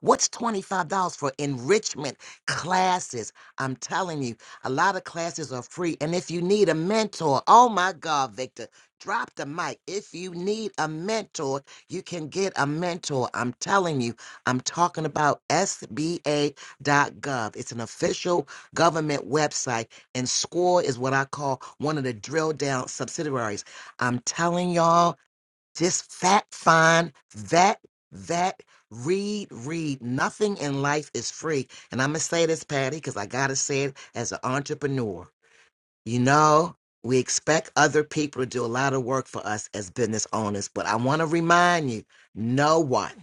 Speaker 1: What's $25 for enrichment classes? I'm telling you, a lot of classes are free. And if you need a mentor, oh my God, Victor, drop the mic. If you need a mentor, you can get a mentor. I'm telling you, I'm talking about SBA.gov. It's an official government website and SCORE is what I call one of the drill down subsidiaries. I'm telling y'all, just fact find, vet, vet, read, read. Nothing in life is free. And I'm going to say this, Patty, because I got to say it as an entrepreneur. You know, we expect other people to do a lot of work for us as business owners, but I want to remind you no one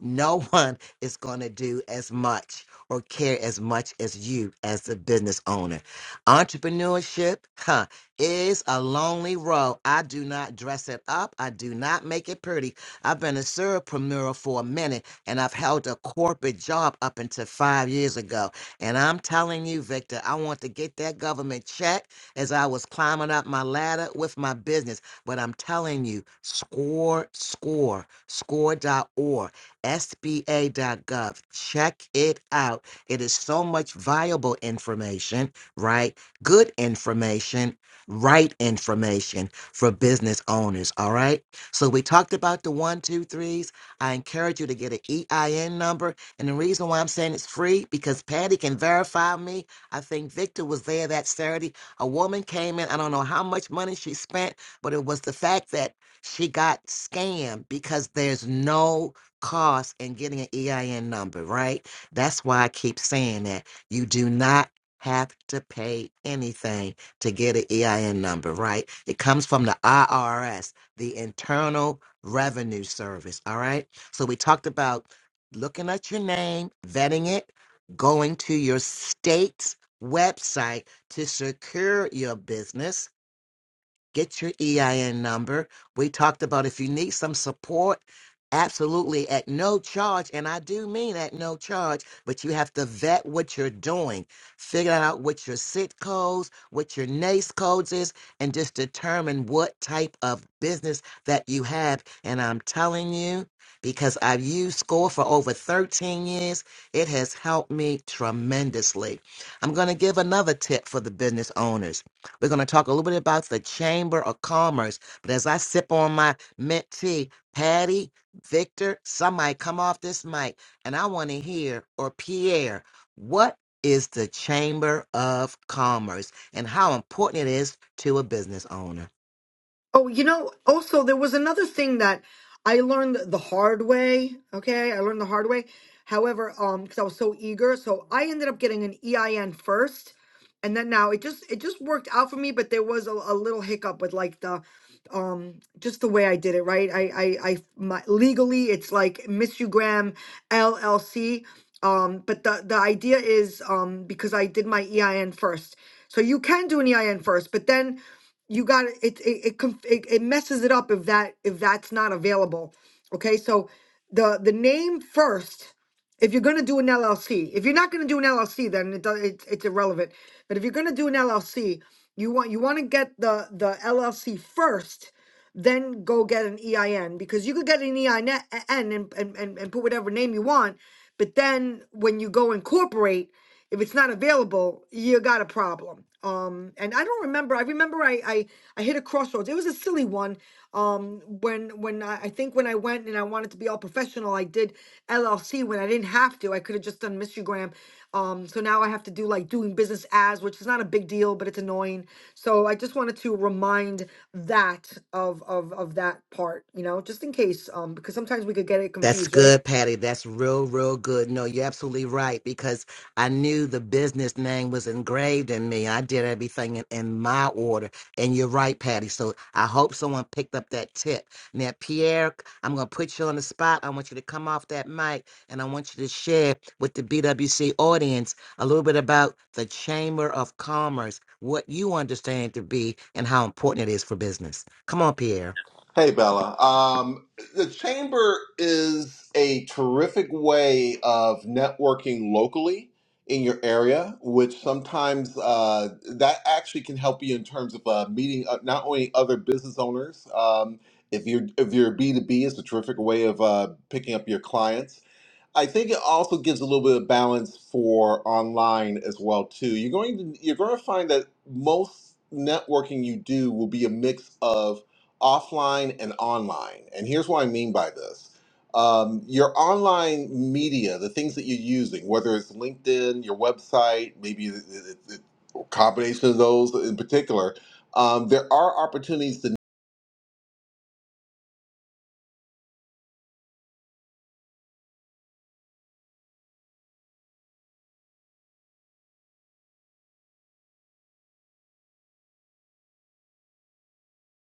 Speaker 1: no one is going to do as much or care as much as you as a business owner. Entrepreneurship huh, is a lonely road. I do not dress it up. I do not make it pretty. I've been a surpreneur for a minute and I've held a corporate job up until five years ago. And I'm telling you, Victor, I want to get that government check as I was climbing up my ladder with my business. But I'm telling you, score, score, score. Dot score.org SBA.gov. Check it out. It is so much viable information, right? Good information, right information for business owners, all right? So we talked about the one, two, threes. I encourage you to get an EIN number. And the reason why I'm saying it's free, because Patty can verify me. I think Victor was there that Saturday. A woman came in, I don't know how much money she spent, but it was the fact that she got scammed because there's no cost in getting an EIN number, right? That's why I keep saying that. You do not have to pay anything to get an EIN number, right? It comes from the IRS, the Internal Revenue Service, all right? So we talked about looking at your name, vetting it, going to your state's website to secure your business get your EIN number. We talked about if you need some support, absolutely at no charge. And I do mean at no charge, but you have to vet what you're doing, figure out what your SIT codes, what your NACE codes is, and just determine what type of business that you have. And I'm telling you, because I've used SCORE for over 13 years, it has helped me tremendously. I'm going to give another tip for the business owners we're going to talk a little bit about the Chamber of Commerce. But as I sip on my mint tea, Patty, Victor, somebody come off this mic and I want to hear, or Pierre, what is the Chamber of Commerce and how important it is to a business owner?
Speaker 2: Oh, you know, also there was another thing that I learned the hard way. Okay, I learned the hard way. However, um, because I was so eager, so I ended up getting an EIN first, and then now it just it just worked out for me. But there was a, a little hiccup with like the, um, just the way I did it. Right, I I I my, legally it's like Miss You Graham LLC. Um, but the the idea is um because I did my EIN first, so you can do an EIN first, but then you got to it it, it conf- it it messes it up if that if that's not available okay so the the name first if you're going to do an llc if you're not going to do an llc then it does it's it's irrelevant but if you're going to do an llc you want you want to get the the llc first then go get an EIN because you could get an EIN and, and, and, and put whatever name you want. But then when you go incorporate, if it's not available, you got a problem. Um, and I don't remember. I remember I, I, I hit a crossroads. It was a silly one. Um, when when I, I think when I went and I wanted to be all professional, I did LLC when I didn't have to. I could have just done Mister Graham. Um, so now I have to do like doing business as, which is not a big deal, but it's annoying. So I just wanted to remind that of of of that part, you know, just in case, um, because sometimes we could get it
Speaker 1: That's
Speaker 2: confused, right?
Speaker 1: good, Patty. That's real, real good. No, you're absolutely right because I knew the business name was engraved in me. I did everything in, in my order. And you're right, Patty. So I hope someone picked up that tip. Now, Pierre, I'm going to put you on the spot. I want you to come off that mic and I want you to share with the BWC audience a little bit about the Chamber of Commerce, what you understand to be, and how important it is for business. Come on, Pierre.
Speaker 6: Hey, Bella. Um, the Chamber is a terrific way of networking locally in your area, which sometimes uh, that actually can help you in terms of uh, meeting uh, not only other business owners. Um, if you're if you're B two B, it's a terrific way of uh, picking up your clients I think it also gives a little bit of balance for online as well too. You're going to you're going to find that most networking you do will be a mix of offline and online. And here's what I mean by this. Um, your online media, the things that you're using, whether it's LinkedIn, your website, maybe it, it, it, a combination of those in particular, um, there are opportunities to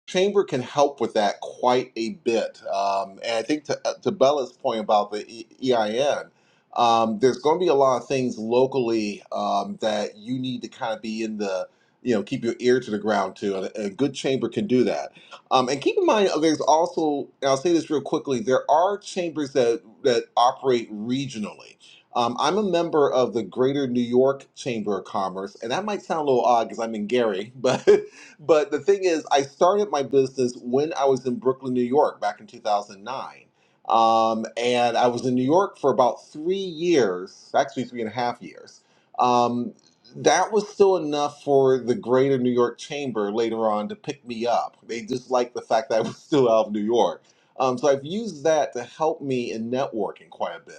Speaker 6: Chamber can help with that quite a bit. Um, and I think to, uh, to Bella's point about the E- EIN, um, there's going to be a lot of things locally um, that you need to kind of be in the, you know, keep your ear to the ground to. And a good chamber can do that. Um, and keep in mind, uh, there's also, and I'll say this real quickly, there are chambers that, that operate regionally. Um, I'm a member of the Greater New York Chamber of Commerce, and that might sound a little odd because I'm in Gary, *laughs* but but the thing is, I started my business when I was in Brooklyn, New York, back in 2009. Um, and I was in New York for about three years, actually three and a half years. Um, that was still enough for the Greater New York Chamber later on to pick me up. They just liked the fact that I was *laughs* still out of New York. Um, so I've used that to help me in networking quite a bit.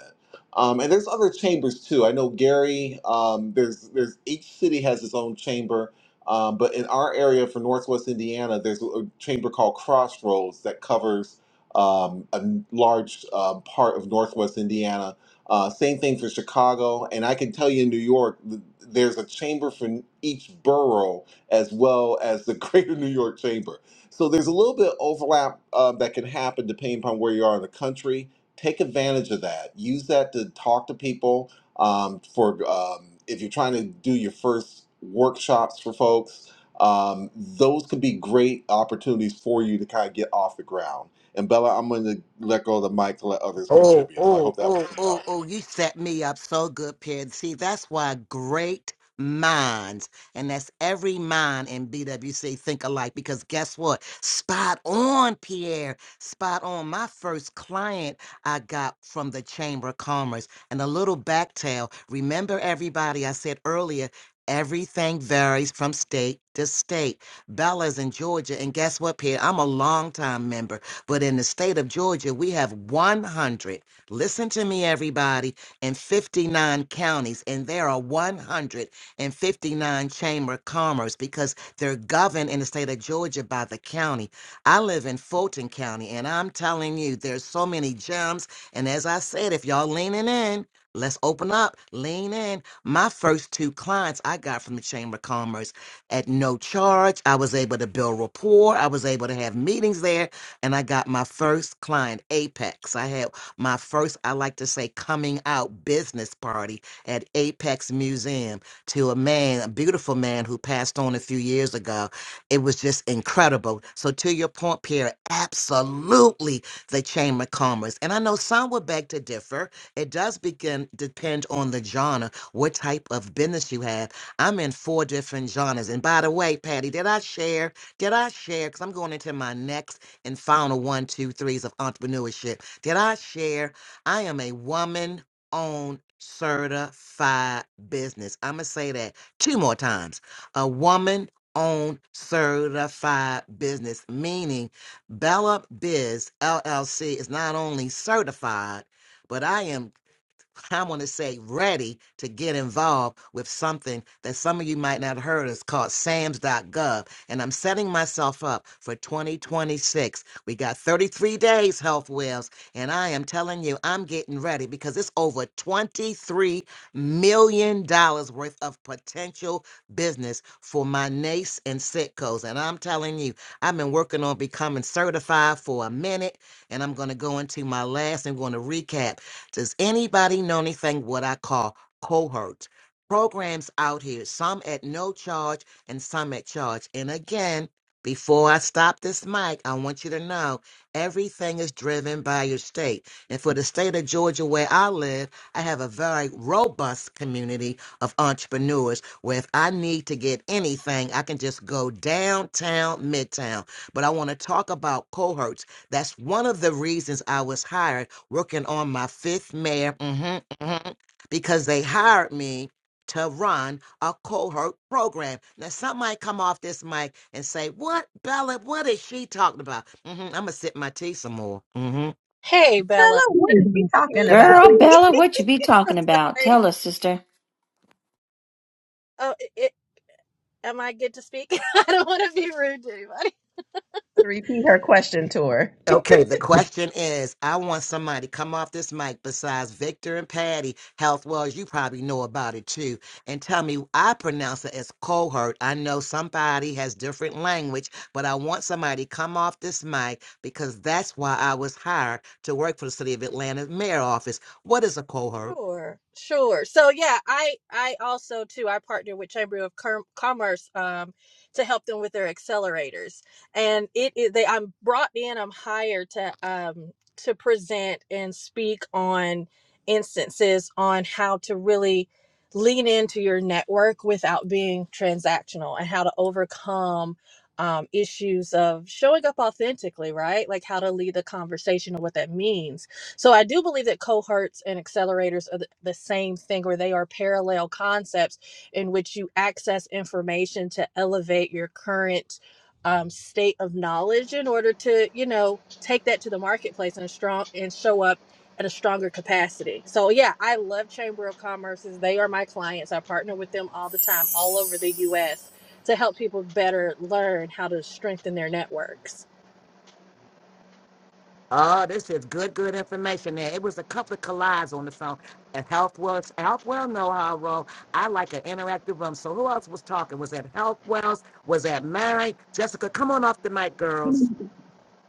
Speaker 6: Um, and there's other chambers too. I know Gary. Um, there's there's each city has its own chamber um, but in our area for Northwest Indiana, there's a chamber called Crossroads that covers um, a large um part of Northwest Indiana. Uh, same thing for Chicago, and I can tell you in New York, th- there's a chamber for each borough as well as the *laughs* Greater New York Chamber. So there's a little bit of overlap uh, that can happen depending upon where you are in the country. Take advantage of that. Use that to talk to people um, for um, if you're trying to do your first workshops for folks. Um, those could be great opportunities for you to kind of get off the ground. And Bella, I'm going to let go of the mic to let others
Speaker 1: Oh,
Speaker 6: contribute. So I
Speaker 1: oh,
Speaker 6: hope that was
Speaker 1: oh,
Speaker 6: some help.
Speaker 1: oh, oh, you set me up so good, Pid. See, that's why great minds, and that's every mind in BWC think alike, because guess what? Spot on, Pierre. Spot on. My first client I got from the Chamber of Commerce and a little back tail. Remember, everybody, I said earlier, everything varies from state to state. Bella's in Georgia, and guess what, Pierre? I'm a longtime member. But in the state of Georgia, we have 100, listen to me, everybody, and 59 counties, and there are 159 chamber of commerce because they're governed in the state of Georgia by the county. I live in Fulton County, and I'm telling you, there's so many gems. And as I said, if y'all leaning in, Let's open up, lean in. My first two clients I got from the Chamber of Commerce at no charge. I was able to build rapport. I was able to have meetings there and I got my first client, Apex. I had my first, I like to say, coming out business party at Apex Museum to a man, a beautiful man who passed on a few years ago. It was just incredible. So, to your point, Pierre, absolutely the Chamber of Commerce. And I know some would beg to differ. It does begin depend on the genre, what type of business you have. I'm in four different genres. And by the way, Patty, did I share? Did I share? Because I'm going into my next and final one, two, threes of entrepreneurship. Did I share? I am a woman owned certified business. I'm going to say that two more times. A woman owned certified business, meaning Bella Biz LLC is not only certified, but I am I want to say ready to get involved with something that some of you might not have heard is called SAMS.gov. And I'm setting myself up for 2026. We got 33 days, Health Wells. And I am telling you, I'm getting ready because it's over $23 million dollars worth of potential business for my NACE and Sitcos. And I'm telling you, I've been working on becoming certified for a minute. And I'm going to go into my last and going to recap. Does anybody know anything what I call cohorts? Programs out here, some at no charge and some at charge. And again, before I stop this mic, I want you to know everything is driven by your state. And for the state of Georgia where I live, I have a very robust community of entrepreneurs where if I need to get anything, I can just go downtown, midtown. But I want to talk about cohorts. That's one of the reasons I was hired working on my fifth mayor mhm, mhm, because they hired me to run a cohort program. Now, some might come off this mic and say, What, Bella, what is she talking about? hmm I'm going to sip my tea some more. Mm-hmm.
Speaker 4: Hey, Bella.
Speaker 7: Bella, what are she talking about?
Speaker 8: Girl,
Speaker 4: Absolutely.
Speaker 8: Bella, what you be
Speaker 4: *laughs*
Speaker 8: talking about?
Speaker 4: Sorry.
Speaker 8: Tell us, sister.
Speaker 4: Oh, it, it- am I good to speak? *laughs* I don't want to be rude to anybody.
Speaker 7: *laughs* Repeat her question to her.
Speaker 1: Okay, the question is I want somebody to come off this mic besides Victor and Patty, Health Wells, you probably know about it too, and tell me I pronounce it as cohort. I know somebody has different language, but I want somebody to come off this mic because that's why I was hired to work for the City of Atlanta Mayor Office. What is a cohort?
Speaker 4: Sure, sure. So yeah, I I also too I partner with Chamber of Com- Commerce um to help them with their accelerators, and it is they I'm brought in I'm hired to um to present and speak on instances on how to really lean into your network without being transactional and how to overcome um, issues of showing up authentically, right? Like how to lead the conversation and what that means so I do believe that cohorts and accelerators are the, the same thing, or they are parallel concepts in which you access information to elevate your current um, state of knowledge in order to, you know, take that to the marketplace and strong and show up at a stronger capacity. So yeah, I love Chamber of Commerce's. They are my clients. I partner with them all the time, all over the U.S. to help people better learn how to strengthen their networks.
Speaker 1: Oh, this is good, good information there. It was a couple of collides on the phone. And HealthWells, HealthWell know how I roll. I like an interactive room. So who else was talking? Was that HealthWells? Was that Mary? Jessica, come on off the mic, girls.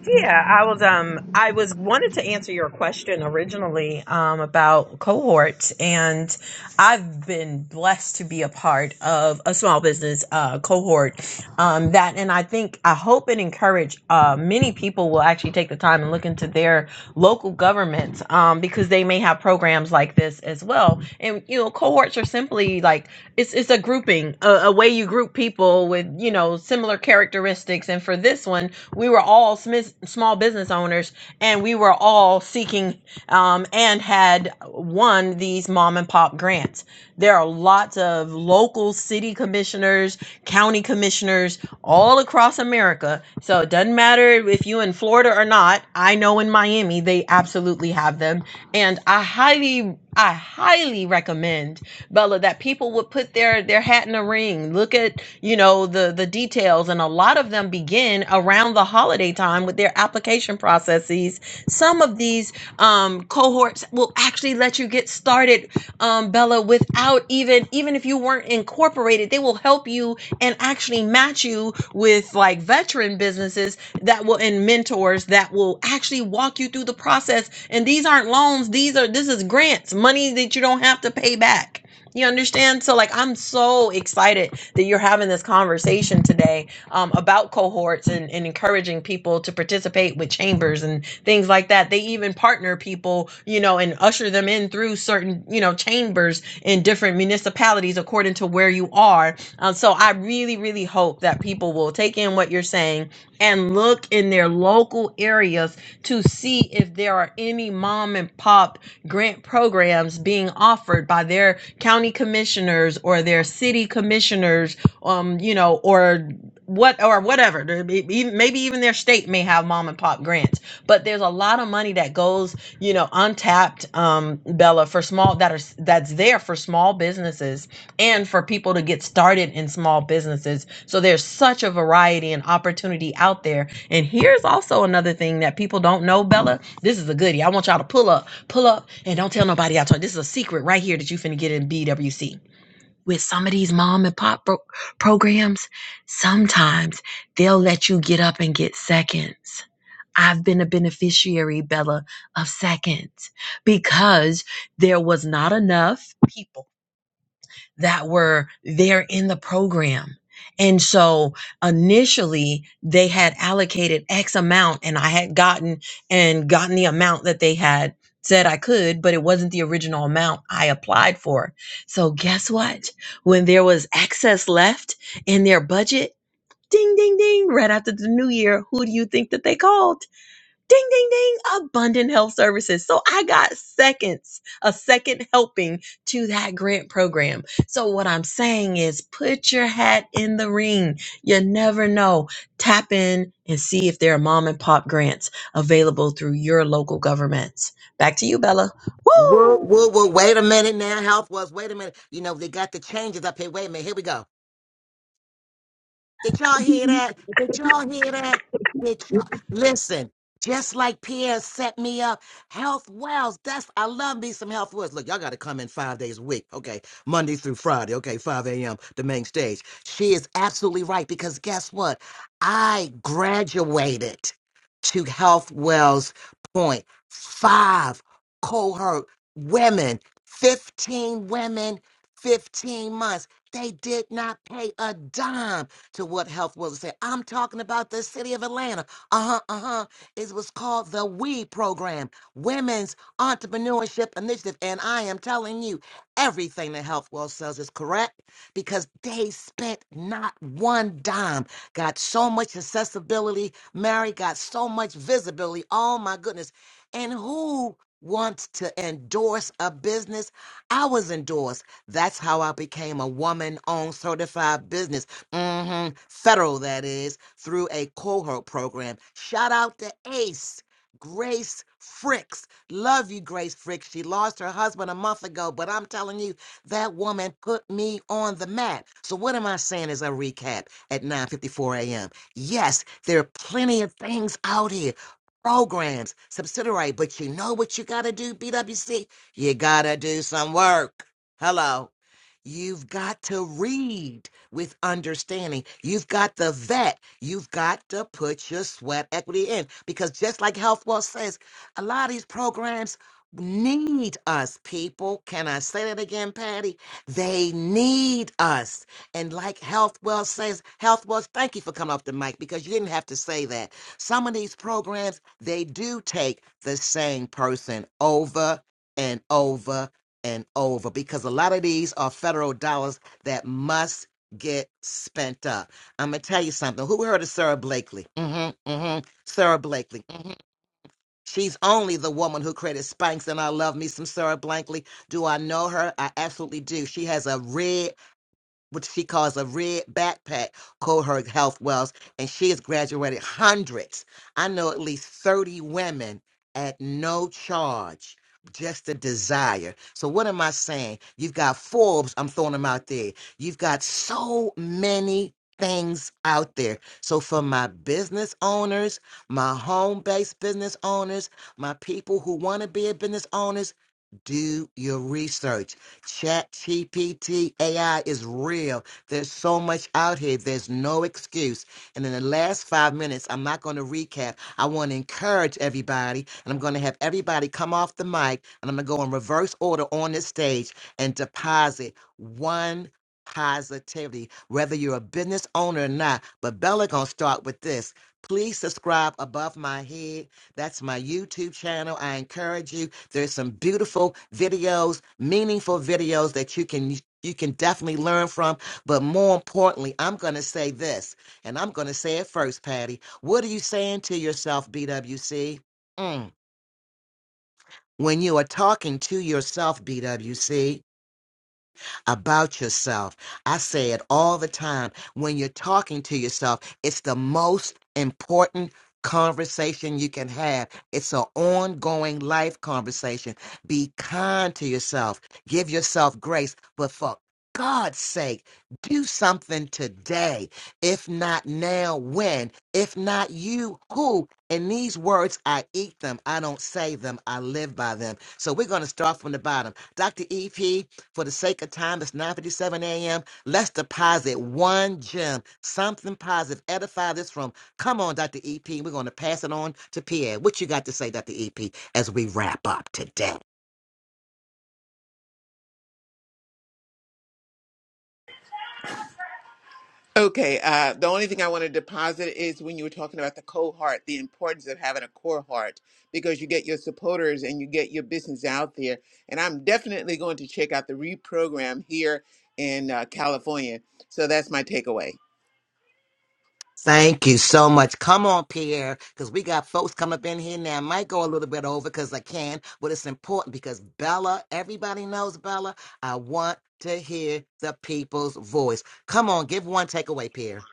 Speaker 7: Yeah, I was um I was wanted to answer your question originally um about cohorts and I've been blessed to be a part of a small business uh cohort um that and I think I hope and encourage uh many people will actually take the time and look into their local governments um because they may have programs like this as well. And you know, cohorts are simply like it's it's a grouping, a, a way you group people with, you know, similar characteristics characteristics. And for this one, we were all smis- small business owners and we were all seeking um, and had won these mom and pop grants. There are lots of local city commissioners, county commissioners all across America. So it doesn't matter if you in Florida or not. I know in Miami, they absolutely have them. And I highly, I highly recommend Bella that people would put their, their hat in the ring thing look at you know the the details and a lot of them begin around the holiday time with their application processes some of these um, cohorts will actually let you get started um, bella without even even if you weren't incorporated they will help you and actually match you with like veteran businesses that will and mentors that will actually walk you through the process and these aren't loans these are this is grants money that you don't have to pay back you understand? So, like, I'm so excited that you're having this conversation today um, about cohorts and, and encouraging people to participate with chambers and things like that. They even partner people, you know, and usher them in through certain, you know, chambers in different municipalities according to where you are. Uh, so, I really, really hope that people will take in what you're saying and look in their local areas to see if there are any mom and pop grant programs being offered by their county commissioners or their city commissioners um you know or what or whatever There may be- maybe even their state may have mom and pop grants but there's a lot of money that goes you know untapped um bella for small that are that's there for small businesses and for people to get started in small businesses so there's such a variety and opportunity out there. And here's also another thing that people don't know, Bella. This is a goodie. I want y'all to pull up, pull up, and don't tell nobody I told you. This is a secret right here that you finna get in BWC. With some of these mom and pop pro- programs, sometimes they'll let you get up and get seconds. I've been a beneficiary, Bella, of seconds because there was not enough people that were there in the program. And so initially they had allocated X amount and I had gotten and gotten the amount that they had said I could, but it wasn't the original amount I applied for. So guess what? When there was excess left in their budget, ding, ding, ding, right after the new year, who do you think that they called? ding ding ding abundant health services so i got seconds a second helping to that grant program so what i'm saying is put your hat in the ring you never know tap in and see if there are mom and pop grants available through your local governments back to you bella
Speaker 1: Woo,
Speaker 7: Woo!
Speaker 1: woo, woo. Wait a minute now. Health was, wait a minute. You know, they got the changes up here. Wait a minute. Here we go. Did y'all hear that? Did y'all hear that? Did y'all listen? Just like Pierre set me up, Health Wells. That's I love me some Health Wells. Look, y'all got to come in five days a week, okay? Monday through Friday, okay? 5 a.m. the main stage. She is absolutely right because guess what? I graduated to Health Wells Point. Five cohort women, 15 women, 15 months. They did not pay a dime to what health was said. I'm talking about the city of Atlanta. Uh-huh, uh-huh. It was called the WE program, Women's Entrepreneurship Initiative. And I am telling you, everything that Health Wells sells is correct because they spent not one dime. Got so much accessibility. Mary got so much visibility. Oh my goodness. And who wants to endorse a business? I was endorsed. That's how I became a woman owned certified business hmm federal that is, through a cohort program. Shout out to Ace, Grace Fricks. Love you, Grace Fricks. She lost her husband a month ago, but I'm telling you, that woman put me on the map. So what am I saying as a recap at 9.54 a.m.? Yes, there are plenty of things out here. Programs, subsidiary, but you know what you gotta do, BWC? You gotta do some work. Hello. You've got to read with understanding. You've got the vet. You've got to put your sweat equity in because just like Health Wealth says, a lot of these programs need us, people. Can I say that again, Patty? They need us. And like Health Wealth says, Health Wealth, thank you for coming off the mic because you didn't have to say that. Some of these programs, they do take the same person over and over and over because a lot of these are federal dollars that must get spent up. I'm gonna tell you something. Who heard of Sarah Blakely? Mm-hmm. Mm-hmm. Sarah Blakely. hmm She's only the woman who created Spanx, and I love me some Sarah Blakely. Do I know her? I absolutely do. She has a red what she calls a red backpack called her health wells and she has graduated hundreds i know at least 30 women at no charge just a desire so what am i saying you've got forbes i'm throwing them out there you've got so many things out there so for my business owners my home-based business owners my people who want to be a business owners do your research Chat GPT AI is real. There's so much out here. There's no excuse. And in the last five minutes, I'm not going to recap. I want to encourage everybody, and I'm going to have everybody come off the mic, and I'm going to go in reverse order on this stage and deposit one positivity, whether you're a business owner or not. But Bella going to start with this. Please subscribe above my head. That's my YouTube channel. I encourage you. There's some beautiful videos, meaningful videos that you can you can definitely learn from. But more importantly, I'm going to say this, and I'm going to say it first, Patty. What are you saying to yourself, BWC? Mm. When you are talking to yourself, BWC, about yourself. I say it all the time. When you're talking to yourself, it's the most important conversation you can have. It's an ongoing life conversation. Be kind to yourself, give yourself grace, but for God's sake, do something today. If not now, when? If not you, who? And these words, I eat them. I don't say them. I live by them. So we're going to start from the bottom. Dr. EP, for the sake of time, it's 9:57 a.m. Let's deposit one gem, something positive. Edify this room. Come on, Dr. EP. We're going to pass it on to Pierre. What you got to say, Dr. EP, as we wrap up today?
Speaker 5: Okay, uh, the only thing I want to deposit is when you were talking about the cohort, the importance of having a core heart because you get your supporters and you get your business out there. And I'm definitely going to check out the reprogram here in uh, California. So that's my takeaway.
Speaker 1: Thank you so much. Come on, Pierre, because we got folks come up in here now. I might go a little bit over because I can, but it's important because Bella, everybody knows Bella. I want to hear the people's voice. Come on, give one takeaway, Pierre.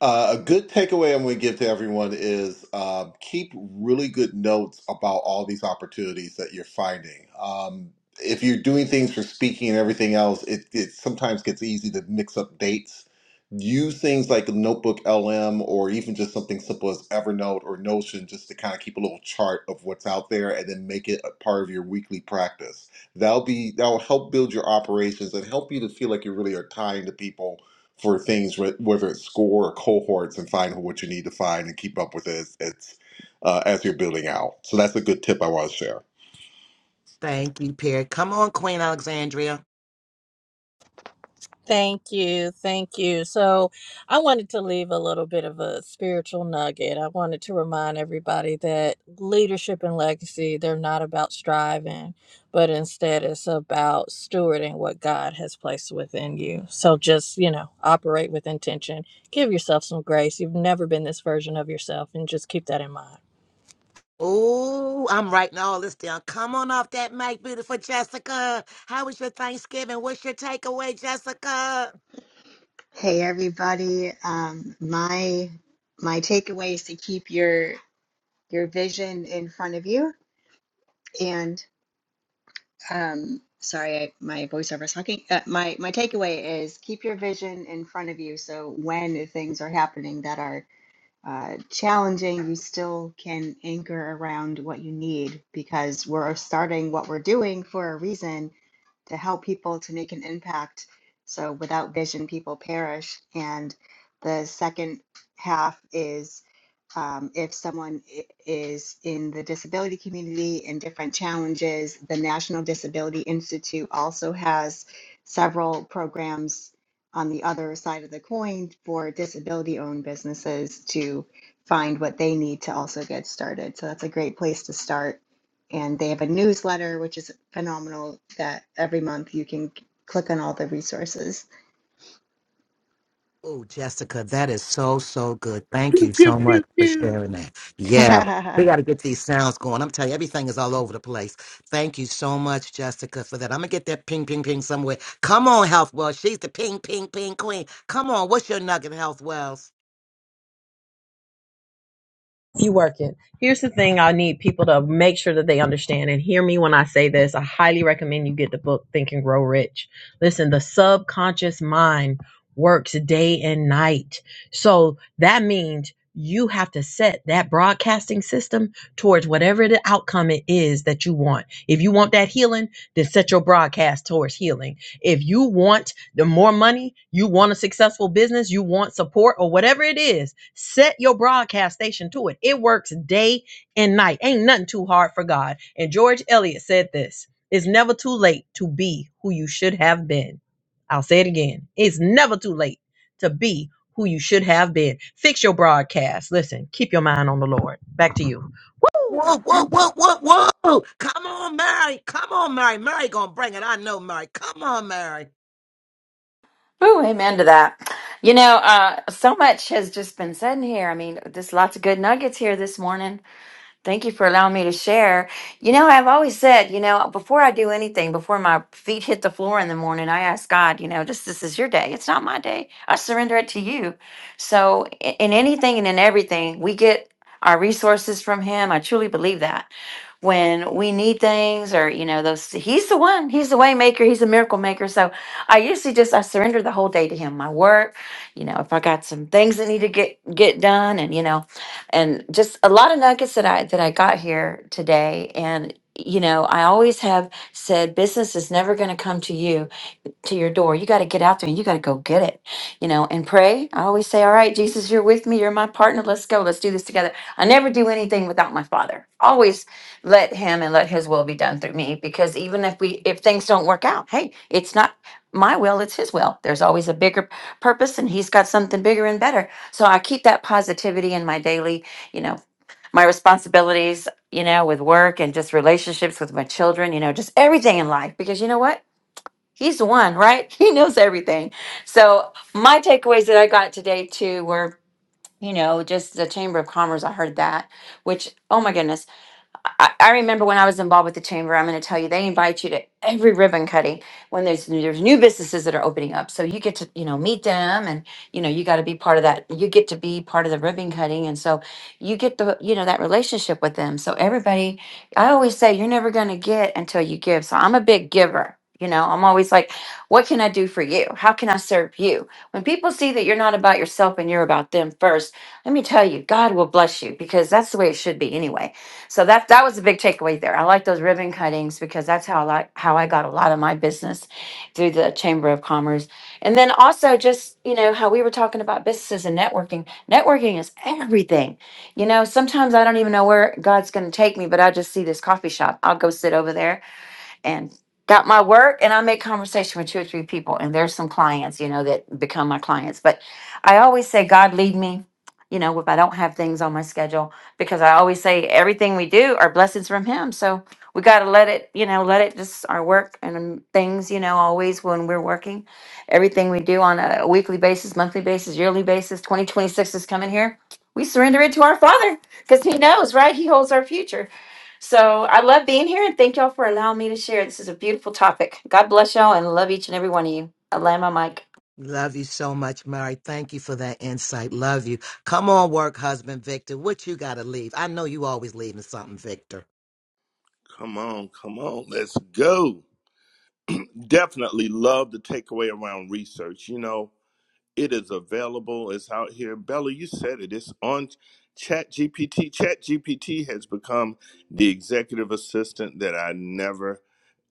Speaker 6: Uh, a good takeaway I'm going to give to everyone is um, keep really good notes about all these opportunities that you're finding. Um, if you're doing things for speaking and everything else, it, it sometimes gets easy to mix up dates. Use things like Notebook LM or even just something simple as Evernote or Notion just to kind of keep a little chart of what's out there and then make it a part of your weekly practice. That'll be that'll help build your operations and help you to feel like you really are tying to people for things, whether it's score or cohorts, and find what you need to find and keep up with it as, as, uh, as you're building out. So that's a good tip I want to share.
Speaker 1: Thank you, Pierre. Come on, Queen Alexandria.
Speaker 4: Thank you. Thank you. So, I wanted to leave a little bit of a spiritual nugget. I wanted to remind everybody that leadership and legacy, they're not about striving, but instead it's about stewarding what God has placed within you. So, just, you know, operate with intention, give yourself some grace. You've never been this version of yourself, and just keep that in mind.
Speaker 1: Oh, I'm writing all this down. Come on off that mic, beautiful Jessica. How was your Thanksgiving? What's your takeaway, Jessica?
Speaker 9: Hey everybody. Um, my my takeaway is to keep your your vision in front of you. And um, sorry, I, my voiceover is talking. Uh, my my takeaway is keep your vision in front of you. So when things are happening that are uh, challenging, you still can anchor around what you need because we're starting what we're doing for a reason to help people to make an impact. So without vision, people perish. And the second half is um, if someone is in the disability community and different challenges, the National Disability Institute also has several programs on the other side of the coin for disability owned businesses to find what they need to also get started. So that's a great place to start and they have a newsletter which is phenomenal that every month you can click on all the resources
Speaker 1: Oh, Jessica, that is so, so good. Thank you
Speaker 3: Pew, pew,
Speaker 1: so
Speaker 3: pew,
Speaker 1: much for
Speaker 3: pew.
Speaker 1: sharing that. Yeah,
Speaker 9: *laughs*
Speaker 1: we got to get these sounds going. I'm telling you, everything is all over the place. Thank you so much, Jessica, for that. I'm going to get that ping, ping, ping somewhere. Come on, Health Wells. She's the ping, ping, ping queen. Come on, what's your nugget, Health Wells?
Speaker 7: You working. Here's the thing I need people to make sure that they understand and hear me when I say this. I highly recommend you get the book Think and Grow Rich. Listen, the subconscious mind works day and night. So that means you have to set that broadcasting system towards whatever the outcome it is that you want. If you want that healing, then set your broadcast towards healing. If you want the more money you want a successful business you want support or whatever it is set your broadcast station to it it works day and night ain't nothing too hard for god and george eliot said this it's never too late to be who you should have been i'll say it again it's never too late to be who you should have been fix your broadcast listen keep your mind on the lord back to you
Speaker 1: Whoa,
Speaker 7: Woo!
Speaker 1: whoa, whoa, whoa, whoa. Come on, Mary. Come on, Mary. Mary gonna bring it. I know, Mary. Come on, Mary.
Speaker 8: Ooh, amen to that. You know, uh, so much has just been said in here. I mean, there's lots of good nuggets here this morning. Thank you for allowing me to share. You know, I've always said, you know, before I do anything, before my feet hit the floor in the morning, I ask God, you know, just this is your day. It's not my day. I surrender it to you. So, i- in anything and in everything, we get our resources from Him. I truly believe that. when we need things or you know those he's the one he's the way maker he's a miracle maker so i usually just i surrender the whole day to him my work you know if i got some things that need to get get done and you know and just a lot of nuggets that i that i got here today and you know i always have said business is never going to come to you to your door. You got to get out there and you got to go get it, you know, and pray. I always say, All right, Jesus, you're with me. You're my partner. Let's go. Let's do this together. I never do anything without my father. Always let him and let his will be done through me because even if we, if things don't work out, hey, it's not my will, it's his will. There's always a bigger purpose and he's got something bigger and better. So I keep that positivity in my daily, you know, my responsibilities, you know, with work and just relationships with my children, you know, just everything in life because you know what? He's the one, right? *laughs* He knows everything. So my takeaways that I got today too were, you know, just the Chamber of Commerce. I heard that, which oh my goodness. I, I remember when I was involved with the chamber. I'm going to tell you, they invite you to every ribbon cutting when there's there's new businesses that are opening up. So you get to you know meet them, and you know you got to be part of that. You get to be part of the ribbon cutting, and so you get the you know that relationship with them. So everybody, I always say you're never going to get until you give. So I'm a big giver. You know, I'm always like, what can I do for you? How can I serve you? When people see that you're not about yourself and you're about them first, let me tell you, God will bless you because that's the way it should be anyway so that that was a big takeaway there. I like those ribbon cuttings because that's how I like how I got a lot of my business through the Chamber of Commerce. And then also just, you know, how we were talking about businesses and networking. Networking is everything. You know, sometimes I don't even know where God's gonna take me, but I just see this coffee shop. I'll go sit over there and got my work and I make conversation with two or three people and there's some clients, you know, that become my clients. But I always say God lead me, you know, if I don't have things on my schedule because I always say everything we do are blessings from him. So we got to let it, you know, let it just our work and um, things, you know, always when we're working, everything we do on a weekly basis, monthly basis, yearly basis, 2026 is coming here. We surrender it to our Father because He knows, right? He holds our future. So I love being here and thank y'all for allowing me to share. This is a beautiful topic. God bless y'all and love each and every one of you. I land my mic.
Speaker 1: Love you so much, Mary. Thank you for that insight. Love you. Come on, work, husband Victor. What you gotta leave? I know you always leaving something, Victor.
Speaker 3: Come on, come on, let's go. Definitely love the takeaway around research. You know, it is available, it's out here. Bella, you said it, it's on ChatGPT. ChatGPT has become the executive assistant that I never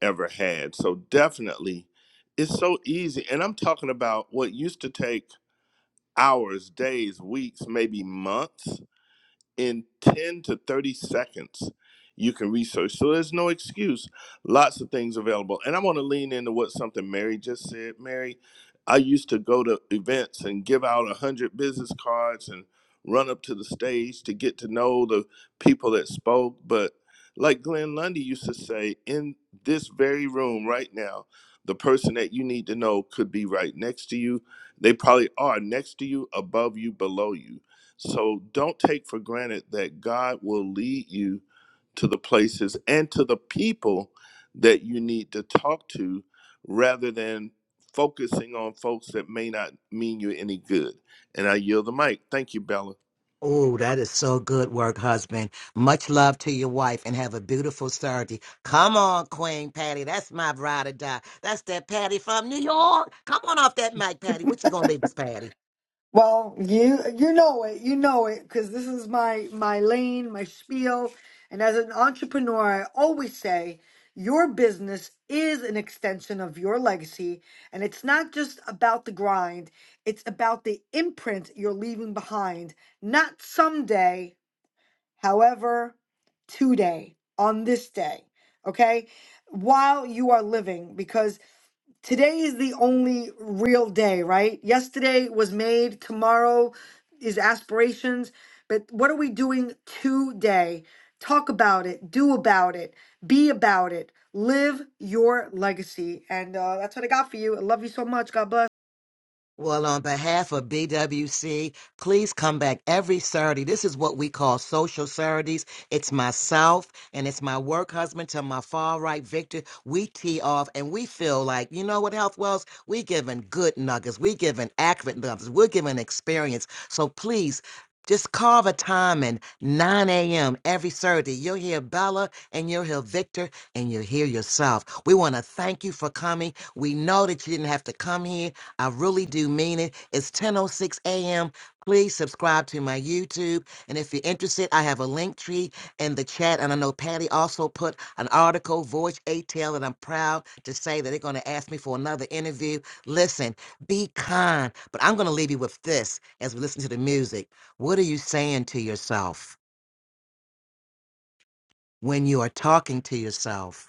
Speaker 3: ever had. So definitely it's so easy. And I'm talking about what used to take hours, days, weeks, maybe months. in 10 to 30 seconds you can research so there's no excuse lots of things available and i want to lean into what something mary just said mary i used to go to events and give out 100 business cards and run up to the stage to get to know the people that spoke but like glenn lundy used to say in this very room right now the person that you need to know could be right next to you they probably are next to you above you below you so don't take for granted that God will lead you to the places and to the people that you need to talk to rather than focusing on folks that may not mean you any good. And I yield the mic. Thank you, Bella.
Speaker 1: Oh, that is so good work, husband. Much love to your wife and have a beautiful Saturday. Come on, Queen Patty. That's my ride or die. That's that Patty from New York. Come on off that mic, Patty. What you gonna leave us, Patty?
Speaker 2: Well, you you know it, you know it, because this is my my lane, my spiel, and as an entrepreneur, I always say your business is an extension of your legacy, and it's not just about the grind; it's about the imprint you're leaving behind. Not someday. however, today, on this day, okay, while you are living, because today is the only real day, right? Yesterday was made, tomorrow is aspirations, but what are we doing today? Talk about it, do about it, be about it, live your legacy. And uh, that's what I got for you. I love you so much. God bless.
Speaker 1: Well, on behalf of BWC, please come back every Saturday. This is what we call social Saturdays. It's myself and it's my work husband to my far right, Victor. We tee off and we feel like, you know what, Health Wells? We giving good nuggets. We giving accurate nuggets. We're giving experience. So please just carve a time in 9 a.m. every Saturday. You'll hear Bella and you'll hear Victor and you'll hear yourself. We want to thank you for coming. We know that you didn't have to come here. I really do mean it. It's 10:06 a.m. Please subscribe to my YouTube, and if you're interested, I have a link tree in the chat. And I know Patty also put an article, Voyage ATL, and I'm proud to say that they're going to ask me for another interview. Listen, be kind, but I'm going to leave you with this as we listen to the music. What are you saying to yourself when you are talking to yourself?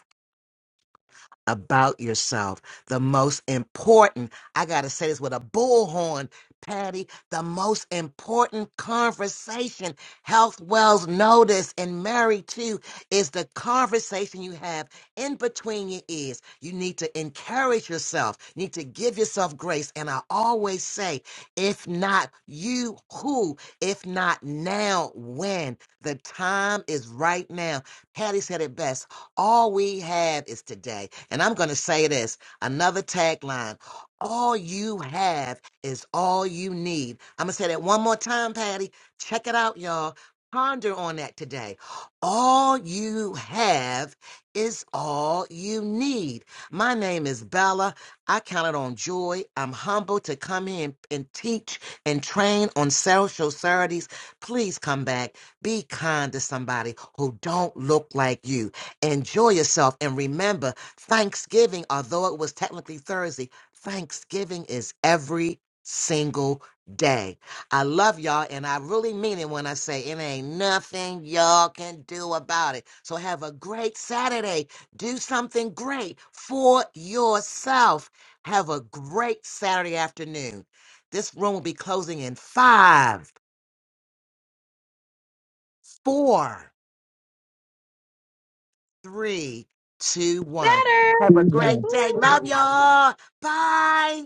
Speaker 1: about yourself. The most important, I got to say this with a bullhorn, Patty, the most important conversation Health Wells noticed, and married to is the conversation you have in between your ears. You need to encourage yourself, you need to give yourself grace. And I always say, if not you, who? If not now, when? The time is right now. Patty said it best. All we have is today. And I'm going to say this another tagline all you have is all you need. I'm going to say that one more time, Patty. Check it out, y'all. Ponder on that today. All you have is all you need. My name is Bella. I counted on joy. I'm humbled to come in and teach and train on social charities. Please come back. Be kind to somebody who don't look like you enjoy yourself and remember thanksgiving although it was technically thursday thanksgiving is every single day i love y'all and i really mean it when i say it ain't nothing y'all can do about it so have a great saturday do something great for yourself have a great saturday afternoon this room will be closing in five four three, two, one. Have a great day. Love y'all. Bye.